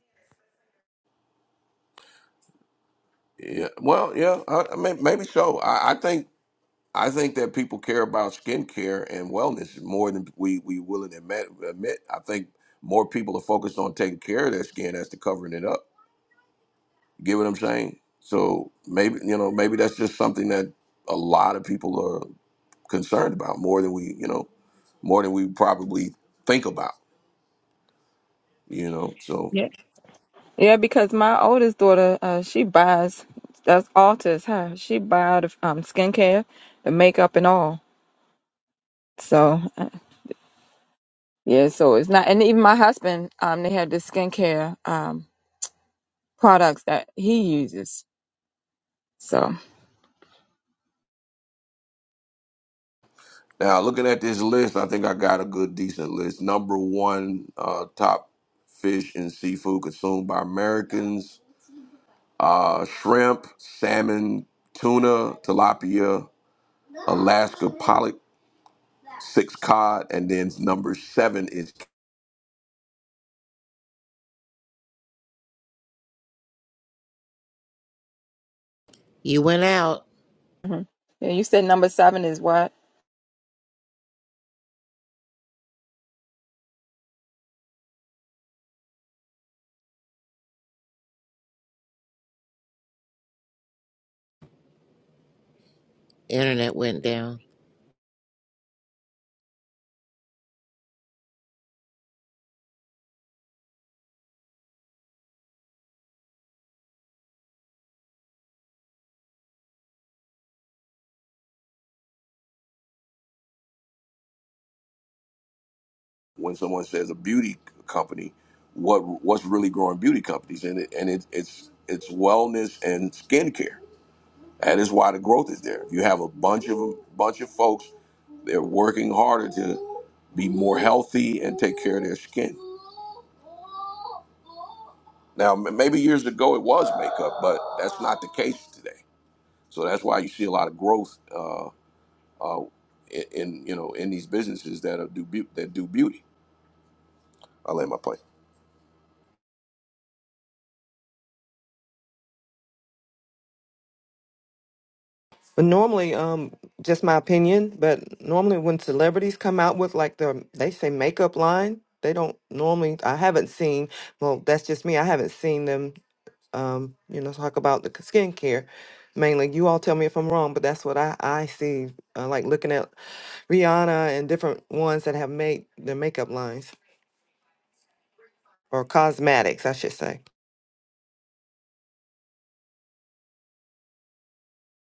Speaker 1: Yeah. Well. Yeah. I, I mean, maybe so. I, I think. I think that people care about skincare and wellness more than we we willing to admit. admit. I think more people are focused on taking care of their skin as to covering it up. Get what I'm saying? So maybe you know maybe that's just something that a lot of people are concerned about more than we you know more than we probably think about. You know, so
Speaker 4: Yeah. Yeah, because my oldest daughter, uh, she buys that's Alta's her. She buys the um skincare, the makeup and all. So uh, yeah, so it's not and even my husband, um, they have the skincare um products that he uses. So
Speaker 1: now looking at this list, I think I got a good decent list. Number one, uh, top fish and seafood consumed by Americans uh, shrimp, salmon, tuna, tilapia, Alaska pollock, six cod, and then number seven is
Speaker 3: You went out.
Speaker 4: mhm. yeah, you said number seven is what?
Speaker 3: Internet went down.
Speaker 1: when someone says a beauty company, what what's really growing beauty companies, and it, and it, it's it's wellness and skincare. That is why the growth is there. You have a bunch of bunch of folks. They're working harder to. be more healthy and take care of their skin. Now, m- maybe years ago it was makeup, but that's not the case today. So that's why you see a lot of growth uh, uh, in, in you know in these businesses that are do beau- that do beauty. I will lay my plane.
Speaker 12: But normally, um, just my opinion, but normally when celebrities come out with like their, they say makeup line, they don't normally, I haven't seen, well, that's just me. I haven't seen them, um, you know, talk about the skincare mainly. You all tell me if I'm wrong, but that's what I, I see, uh, like looking at Rihanna and different ones that have made their makeup lines or cosmetics, I should say.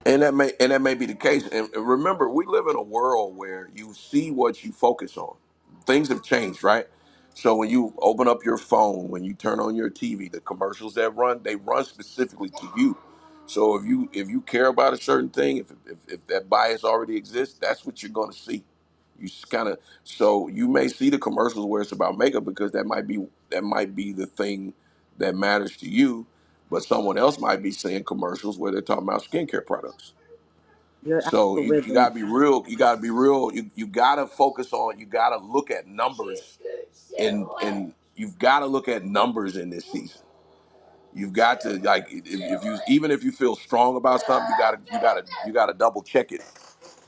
Speaker 1: And that may and that may be the case. And and remember, we live in a world where you see what you focus on. Things have changed, right? So when you open up your phone, when you turn on your TV, the commercials that run, they run specifically to you. So if you if you care about a certain thing, if if, if that bias already exists, that's what you're going to see. You kind of so you may see the commercials where it's about makeup because that might be that might be the thing that matters to you but someone else might be seeing commercials where they're talking about skincare products.
Speaker 2: Your
Speaker 1: So you, you
Speaker 2: algorithm.
Speaker 1: gotta be real. You gotta be real. You, you gotta focus on. You gotta look at numbers, and and you've gotta look at numbers in this season. You've got to like if, if you even if you feel strong about something, you gotta you gotta you gotta double check it.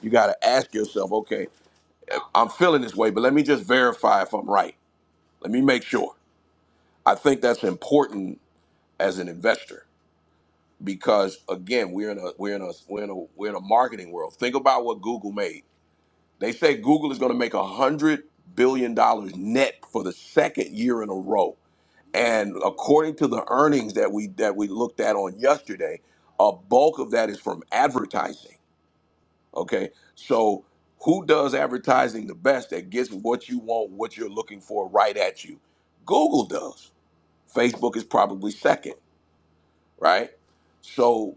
Speaker 1: You gotta ask yourself, okay, I'm feeling this way, but let me just verify if I'm right. Let me make sure. I think that's important as an investor because again we're in a we're in a we're in a we're in a marketing world think about what google made they say google is going to make a hundred billion dollars net for the second year in a row and according to the earnings that we that we looked at on yesterday a bulk of that is from advertising okay so who does advertising the best that gets what you want what you're looking for right at you google does facebook is probably second right so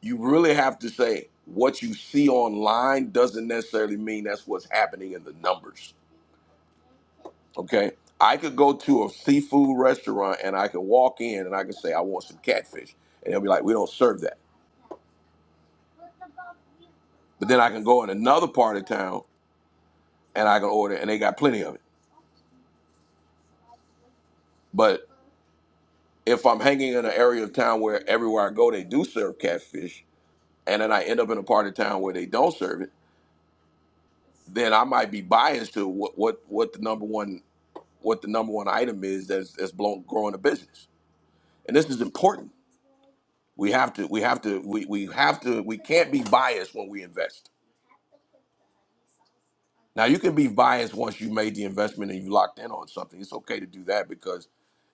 Speaker 1: you really have to say what you see online doesn't necessarily mean that's what's happening in the numbers. Okay. I could go to a seafood restaurant and I can walk in and I can say, I want some catfish. And they'll be like, we don't serve that. But then I can go in another part of town and I can order and they got plenty of it. But if I'm hanging in an area of town where everywhere I go, they do serve catfish, and then I end up in a part of town where they don't serve it, then I might be biased to what, what, what the number one what the number one item is that's that's blown, growing a business. And this is important. We have to we have to we, we have to we can't be biased when we invest. Now you can be biased once you made the investment and you locked in on something. It's okay to do that because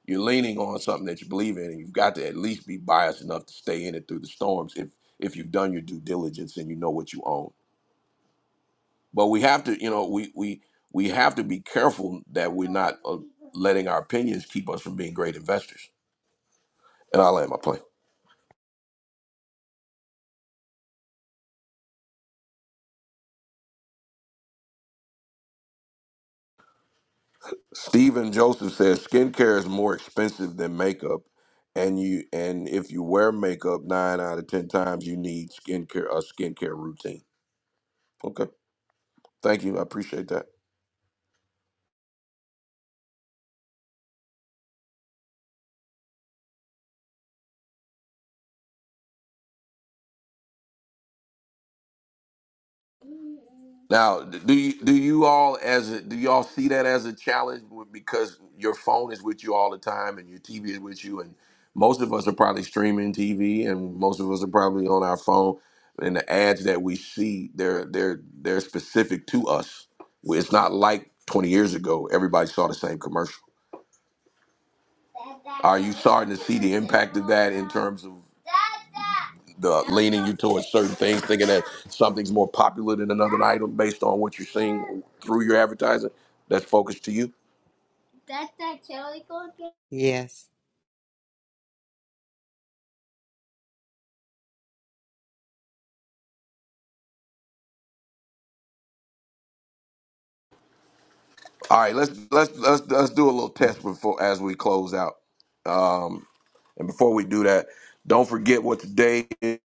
Speaker 1: you're leaning on something that you believe in and you've got to at least be biased enough to stay in it through the storms if if you've done your due diligence and you know what you own. But we have to, you know, we we we have to be careful that we're not uh, letting our opinions keep us from being great investors. And I'll land my plane. Steven Joseph says skincare is more expensive than makeup, and you and if you wear makeup nine out of ten times, you need skincare a skincare routine. Okay, thank you, I appreciate that. Now, do you do you all as a, do y'all see that as a challenge because your phone is with you all the time and your TV is with you and most of us are probably streaming TV and most of us are probably on our phone and the ads that we see they're they're they're specific to us. Well, It's not like 20 years ago everybody saw the same commercial. Are you starting to see the impact of that in terms of the leaning you towards certain things, thinking that something's more popular than another item based on what you're seeing through your advertising. That's focused to you.
Speaker 3: Yes.
Speaker 1: All right, let's let's let's let's do a little test before as we close out. Um, and before we do that, don't forget what today. Is.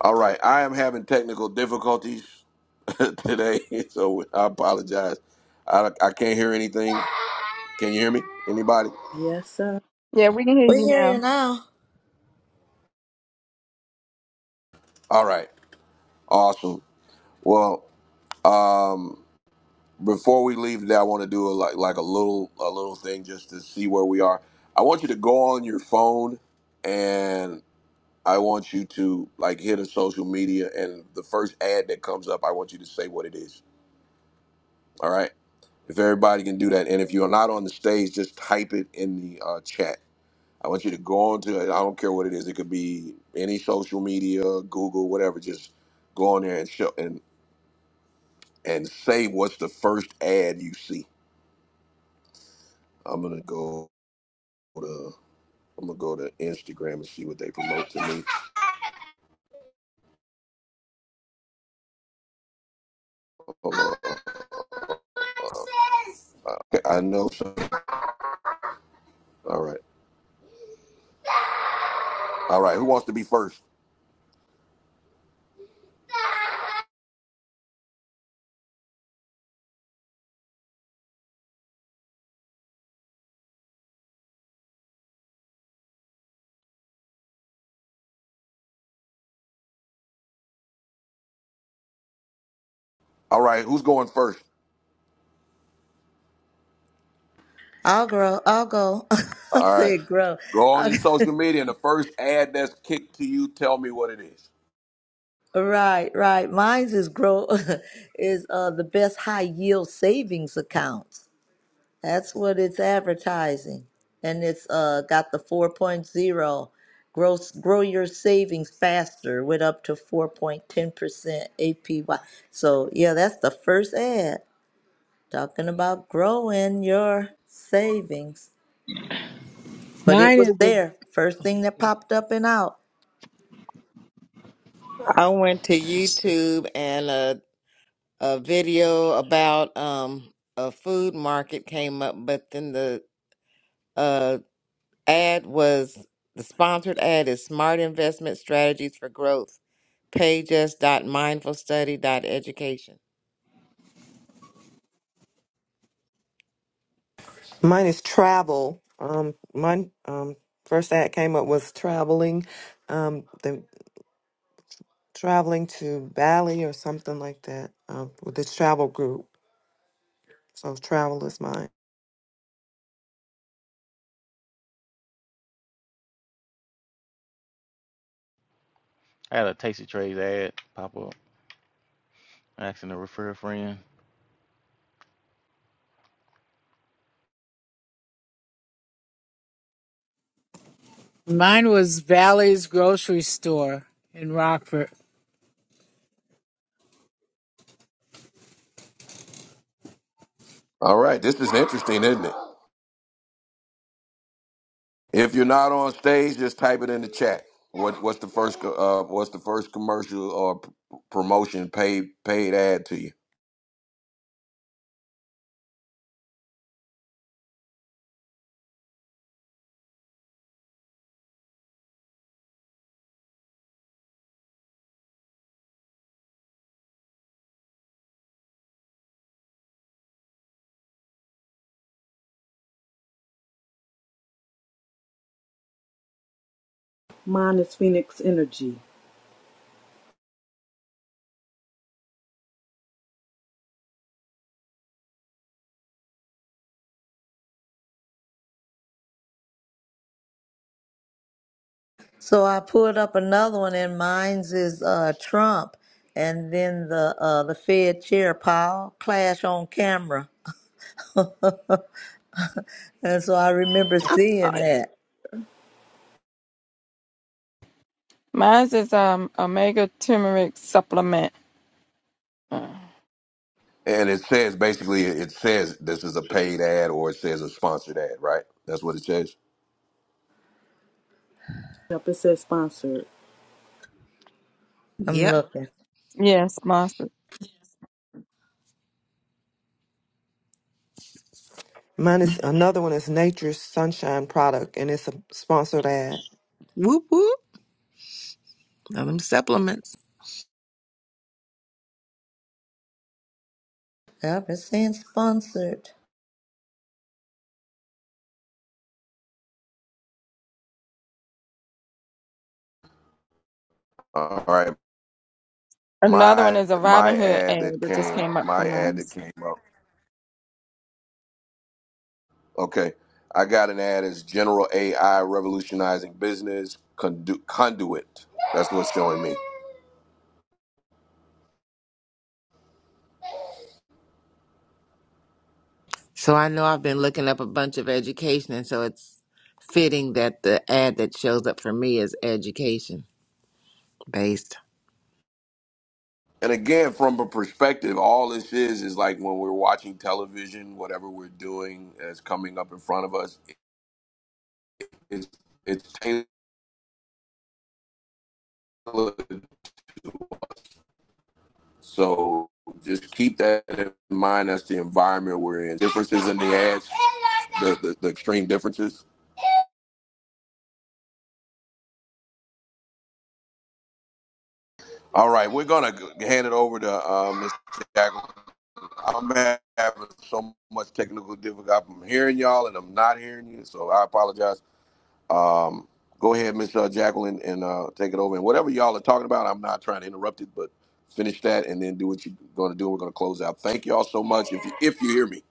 Speaker 1: All right, I am having technical difficulties today, so I apologize. I I can't hear anything. Can you hear me? Anybody?
Speaker 2: Yes, sir.
Speaker 4: Yeah, we can hear
Speaker 6: We
Speaker 4: you
Speaker 6: hear you
Speaker 4: now.
Speaker 6: now.
Speaker 1: All right, awesome. Well, um, before we leave today, I want to do a, like like a little a little thing just to see where we are. I want you to go on your phone, and I want you to like hit a social media, and the first ad that comes up, I want you to say what it is. All right. If everybody can do that, and if you're not on the stage, just type it in the uh, chat. I want you to go on to it. I don't care what it is. It could be any social media, Google, whatever. Just go on there and show and and say what's the first ad you see. I'm gonna go. to. I'm gonna go to Instagram and see what they promote to me. Hold on. Okay, I know. some- All right. All right. Who wants to be first? All right. Who's going first?
Speaker 6: I'll grow. I'll go. I
Speaker 1: All right.
Speaker 6: said grow.
Speaker 1: Go on
Speaker 6: I'll-
Speaker 1: your social media and the first ad that's kicked to you, tell me what it is.
Speaker 6: right, right. Mine's is grow is uh the best high yield savings accounts. That's what it's advertising. And it's uh got the four point zero, grow grow your savings faster with up to 4.10% APY. So, yeah, that's the first ad talking about growing your savings. But it
Speaker 13: Mine is.
Speaker 6: was there. First thing that popped up and out.
Speaker 3: I went to
Speaker 13: Let's see.
Speaker 3: YouTube and a a video about um a food market came up, but then the uh ad was the sponsored ad is Smart Investment Strategies for Growth. Page us dot mindfulstudy dot education.
Speaker 12: Mine is travel. Um, mine, um, first ad came up was traveling. Um, the. traveling to Bali or something like that uh, with this travel group. So travel is mine.
Speaker 5: I had a Tasty Trades ad pop up asking to refer a friend.
Speaker 13: Mine was Valley's grocery store in Rockford.
Speaker 1: All right. This is interesting, isn't it? If you're not on stage, just type it in the chat. What What's the first co- uh, What's the first commercial or p- promotion paid paid ad to you?
Speaker 2: Mine is Phoenix Energy.
Speaker 6: So I pulled up another one, and mine's is uh, Trump, and then the uh, the Fed chair Powell clash on camera, and so I remember seeing
Speaker 2: I,
Speaker 6: that.
Speaker 4: Mine is um omega turmeric supplement. Uh,
Speaker 1: And it says basically, it says this is a paid ad or it says a sponsored ad, right? That's what it says.
Speaker 2: it says sponsored.
Speaker 6: I'm
Speaker 3: Yep.
Speaker 6: looking.
Speaker 4: yeah, sponsor.
Speaker 12: Mine is another one is Nature's Sunshine product, and it's a sponsored ad.
Speaker 3: Whoop whoop. Now them supplements.
Speaker 6: Yep, it's saying sponsored.
Speaker 1: All right,
Speaker 4: Another one
Speaker 1: my
Speaker 4: is a
Speaker 1: my
Speaker 4: Robin Hood
Speaker 1: ad
Speaker 4: ad
Speaker 1: that
Speaker 4: that just
Speaker 1: came,
Speaker 4: came up for
Speaker 1: my ad
Speaker 4: mine.
Speaker 1: that came up. Okay, I got an ad as General AI revolutionizing business condu- conduit. That's what's showing me.
Speaker 3: So I know I've been looking up a bunch of education, and so it's fitting that the ad that shows up for me is education based.
Speaker 1: And again, from a perspective, all this is is like when we're watching television, whatever we're doing is coming up in front of us. It's it's tailored. So just keep that in mind. That's the environment we're in. Differences in the ads, the, the, the extreme differences All right, we're gonna g- hand it over to uh, Mr. Jackson. I'm ha- having so much technical difficulty. I'm hearing y'all and I'm not hearing you, so I apologize. Um, go ahead, Miss uh, Jacqueline, and uh, take it over. And whatever y'all are talking about, I'm not trying to interrupt it, but finish that and then do what you're gonna do. We're gonna close out. Thank y'all so much. If you, if you hear me,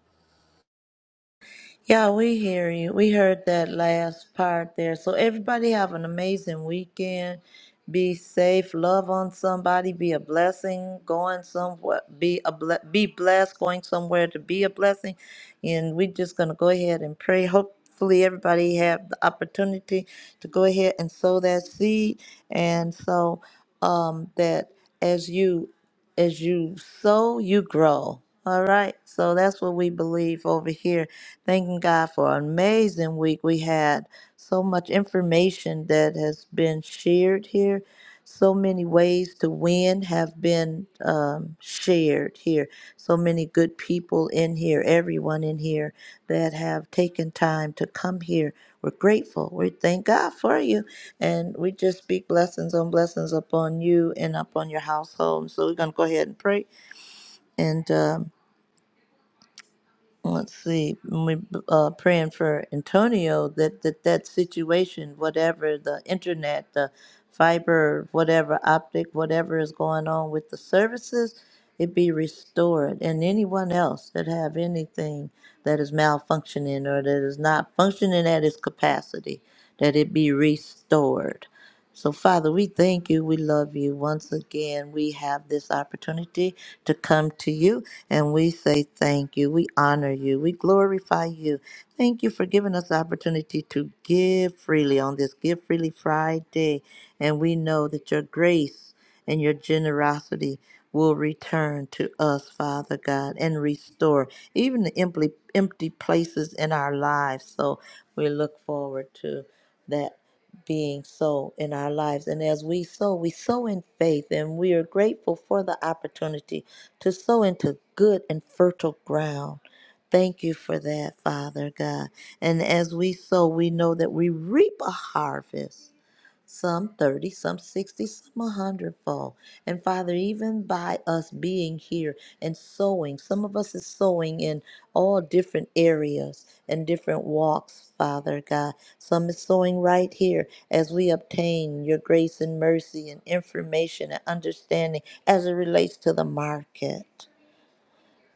Speaker 6: Yeah, we hear you. We heard that last part there. So everybody have an amazing weekend. Be safe. Love on somebody. Be a blessing. Going somewhere. Be a ble- be blessed. Going somewhere to be a blessing. And we're just gonna go ahead and pray. Hopefully, everybody have the opportunity to go ahead and sow that seed. And so um, that as you as you sow, you grow. All right. So that's what we believe over here Thanking God for an amazing week. We had so much information that has been shared here. So many ways to win have been um, shared here. So many good people in here, everyone in here that have taken time to come here. We're grateful. We thank God for you. And we just speak blessings on blessings upon you and upon your household. So we're going to go ahead and pray. And um, let's see, and we uh, praying for Antonio that, that that situation, whatever the internet, the fiber, whatever optic, whatever is going on with the services, it be restored. And anyone else that have anything that is malfunctioning or that is not functioning at its capacity, that it be restored. So, Father, we thank you. We love you. Once again, we have this opportunity to come to you and we say thank you. We honor you. We glorify you. Thank you for giving us the opportunity to give freely on this Give Freely Friday. And we know that your grace and your generosity will return to us, Father God, and restore even the empty, empty places in our lives. So we look forward to that being so in our lives. And as we sow, we sow in faith, and we are grateful for the opportunity to sow into good and fertile ground. Thank you for that, Father God. And as we sow, we know that we reap a harvest some 30, some 60, some a hundredfold. And Father, even by us being here and sowing, some of us is sowing in all different areas and different walks, Father God. Some is sowing right here as we obtain your grace and mercy and information and understanding as it relates to the market.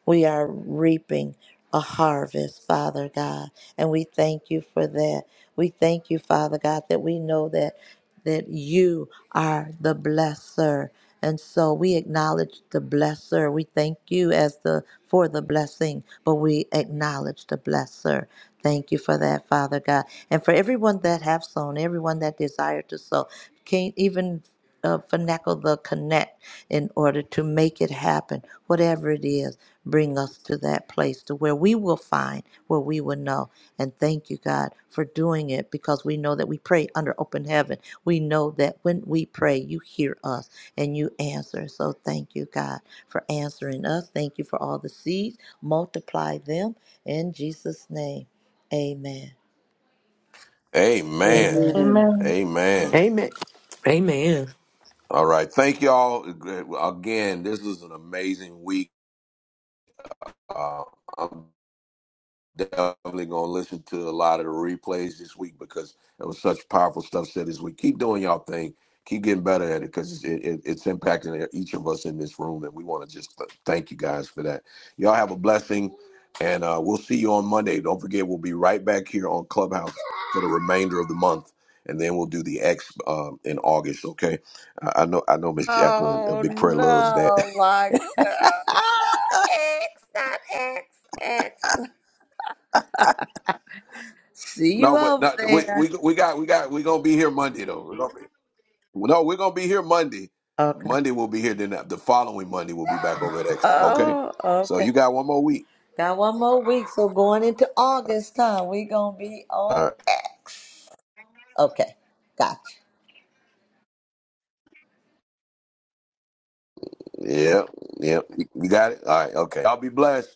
Speaker 6: We are reaping a harvest, Father God, and we thank you for that. We thank you, Father God, that we know that that you are the blesser. And so we acknowledge the blesser. We thank you as the for the blessing, but we acknowledge the blesser. Thank you for that, Father God. And for everyone that have sown, everyone that desire to sow, can't even uh, finagle the connect in order to make it happen, whatever it is bring us to that place to where we will find where we will know and thank you god for doing it because we know that we pray under open heaven we know that when we pray you hear us and you answer so thank you god for answering us thank you for all the seeds multiply them in jesus name amen
Speaker 1: Amen,
Speaker 6: amen
Speaker 2: Amen.
Speaker 4: Amen.
Speaker 1: Amen.
Speaker 12: Amen. Amen.
Speaker 1: All right, thank y'all uh, again. This was an amazing week. Uh, I'm definitely gonna listen to a lot of the replays this week because there was such powerful stuff said this week. Keep doing y'all thing. Keep getting better at it because it, it, it's impacting each of us in this room, and we want to just thank you guys for that. Y'all have a blessing, and uh, we'll see you on Monday. Don't forget, we'll be right back here on Clubhouse for the remainder of the month, and then we'll do the X um, in August. Okay, I, I know, I know, Miss Jacqueline, a
Speaker 6: Oh
Speaker 1: big prayer loves that.
Speaker 6: no, my God. X, not X, X. See you
Speaker 1: no, but
Speaker 6: over
Speaker 1: not, we,
Speaker 6: there.
Speaker 1: we we got we got we gonna be here Monday though. We're gonna be- No, we're gonna be here Monday.
Speaker 6: okay
Speaker 1: Monday we'll be here. Then the following Monday we'll be back over at X. Okay.
Speaker 6: Oh,
Speaker 1: So
Speaker 6: okay.
Speaker 1: you got one more week.
Speaker 6: Got one more week, so going into August time, we gonna be
Speaker 1: All
Speaker 6: on
Speaker 1: right.
Speaker 6: X. Okay, gotcha.
Speaker 1: Yeah. Yeah. You got it. All right. Okay. Y'all be blessed.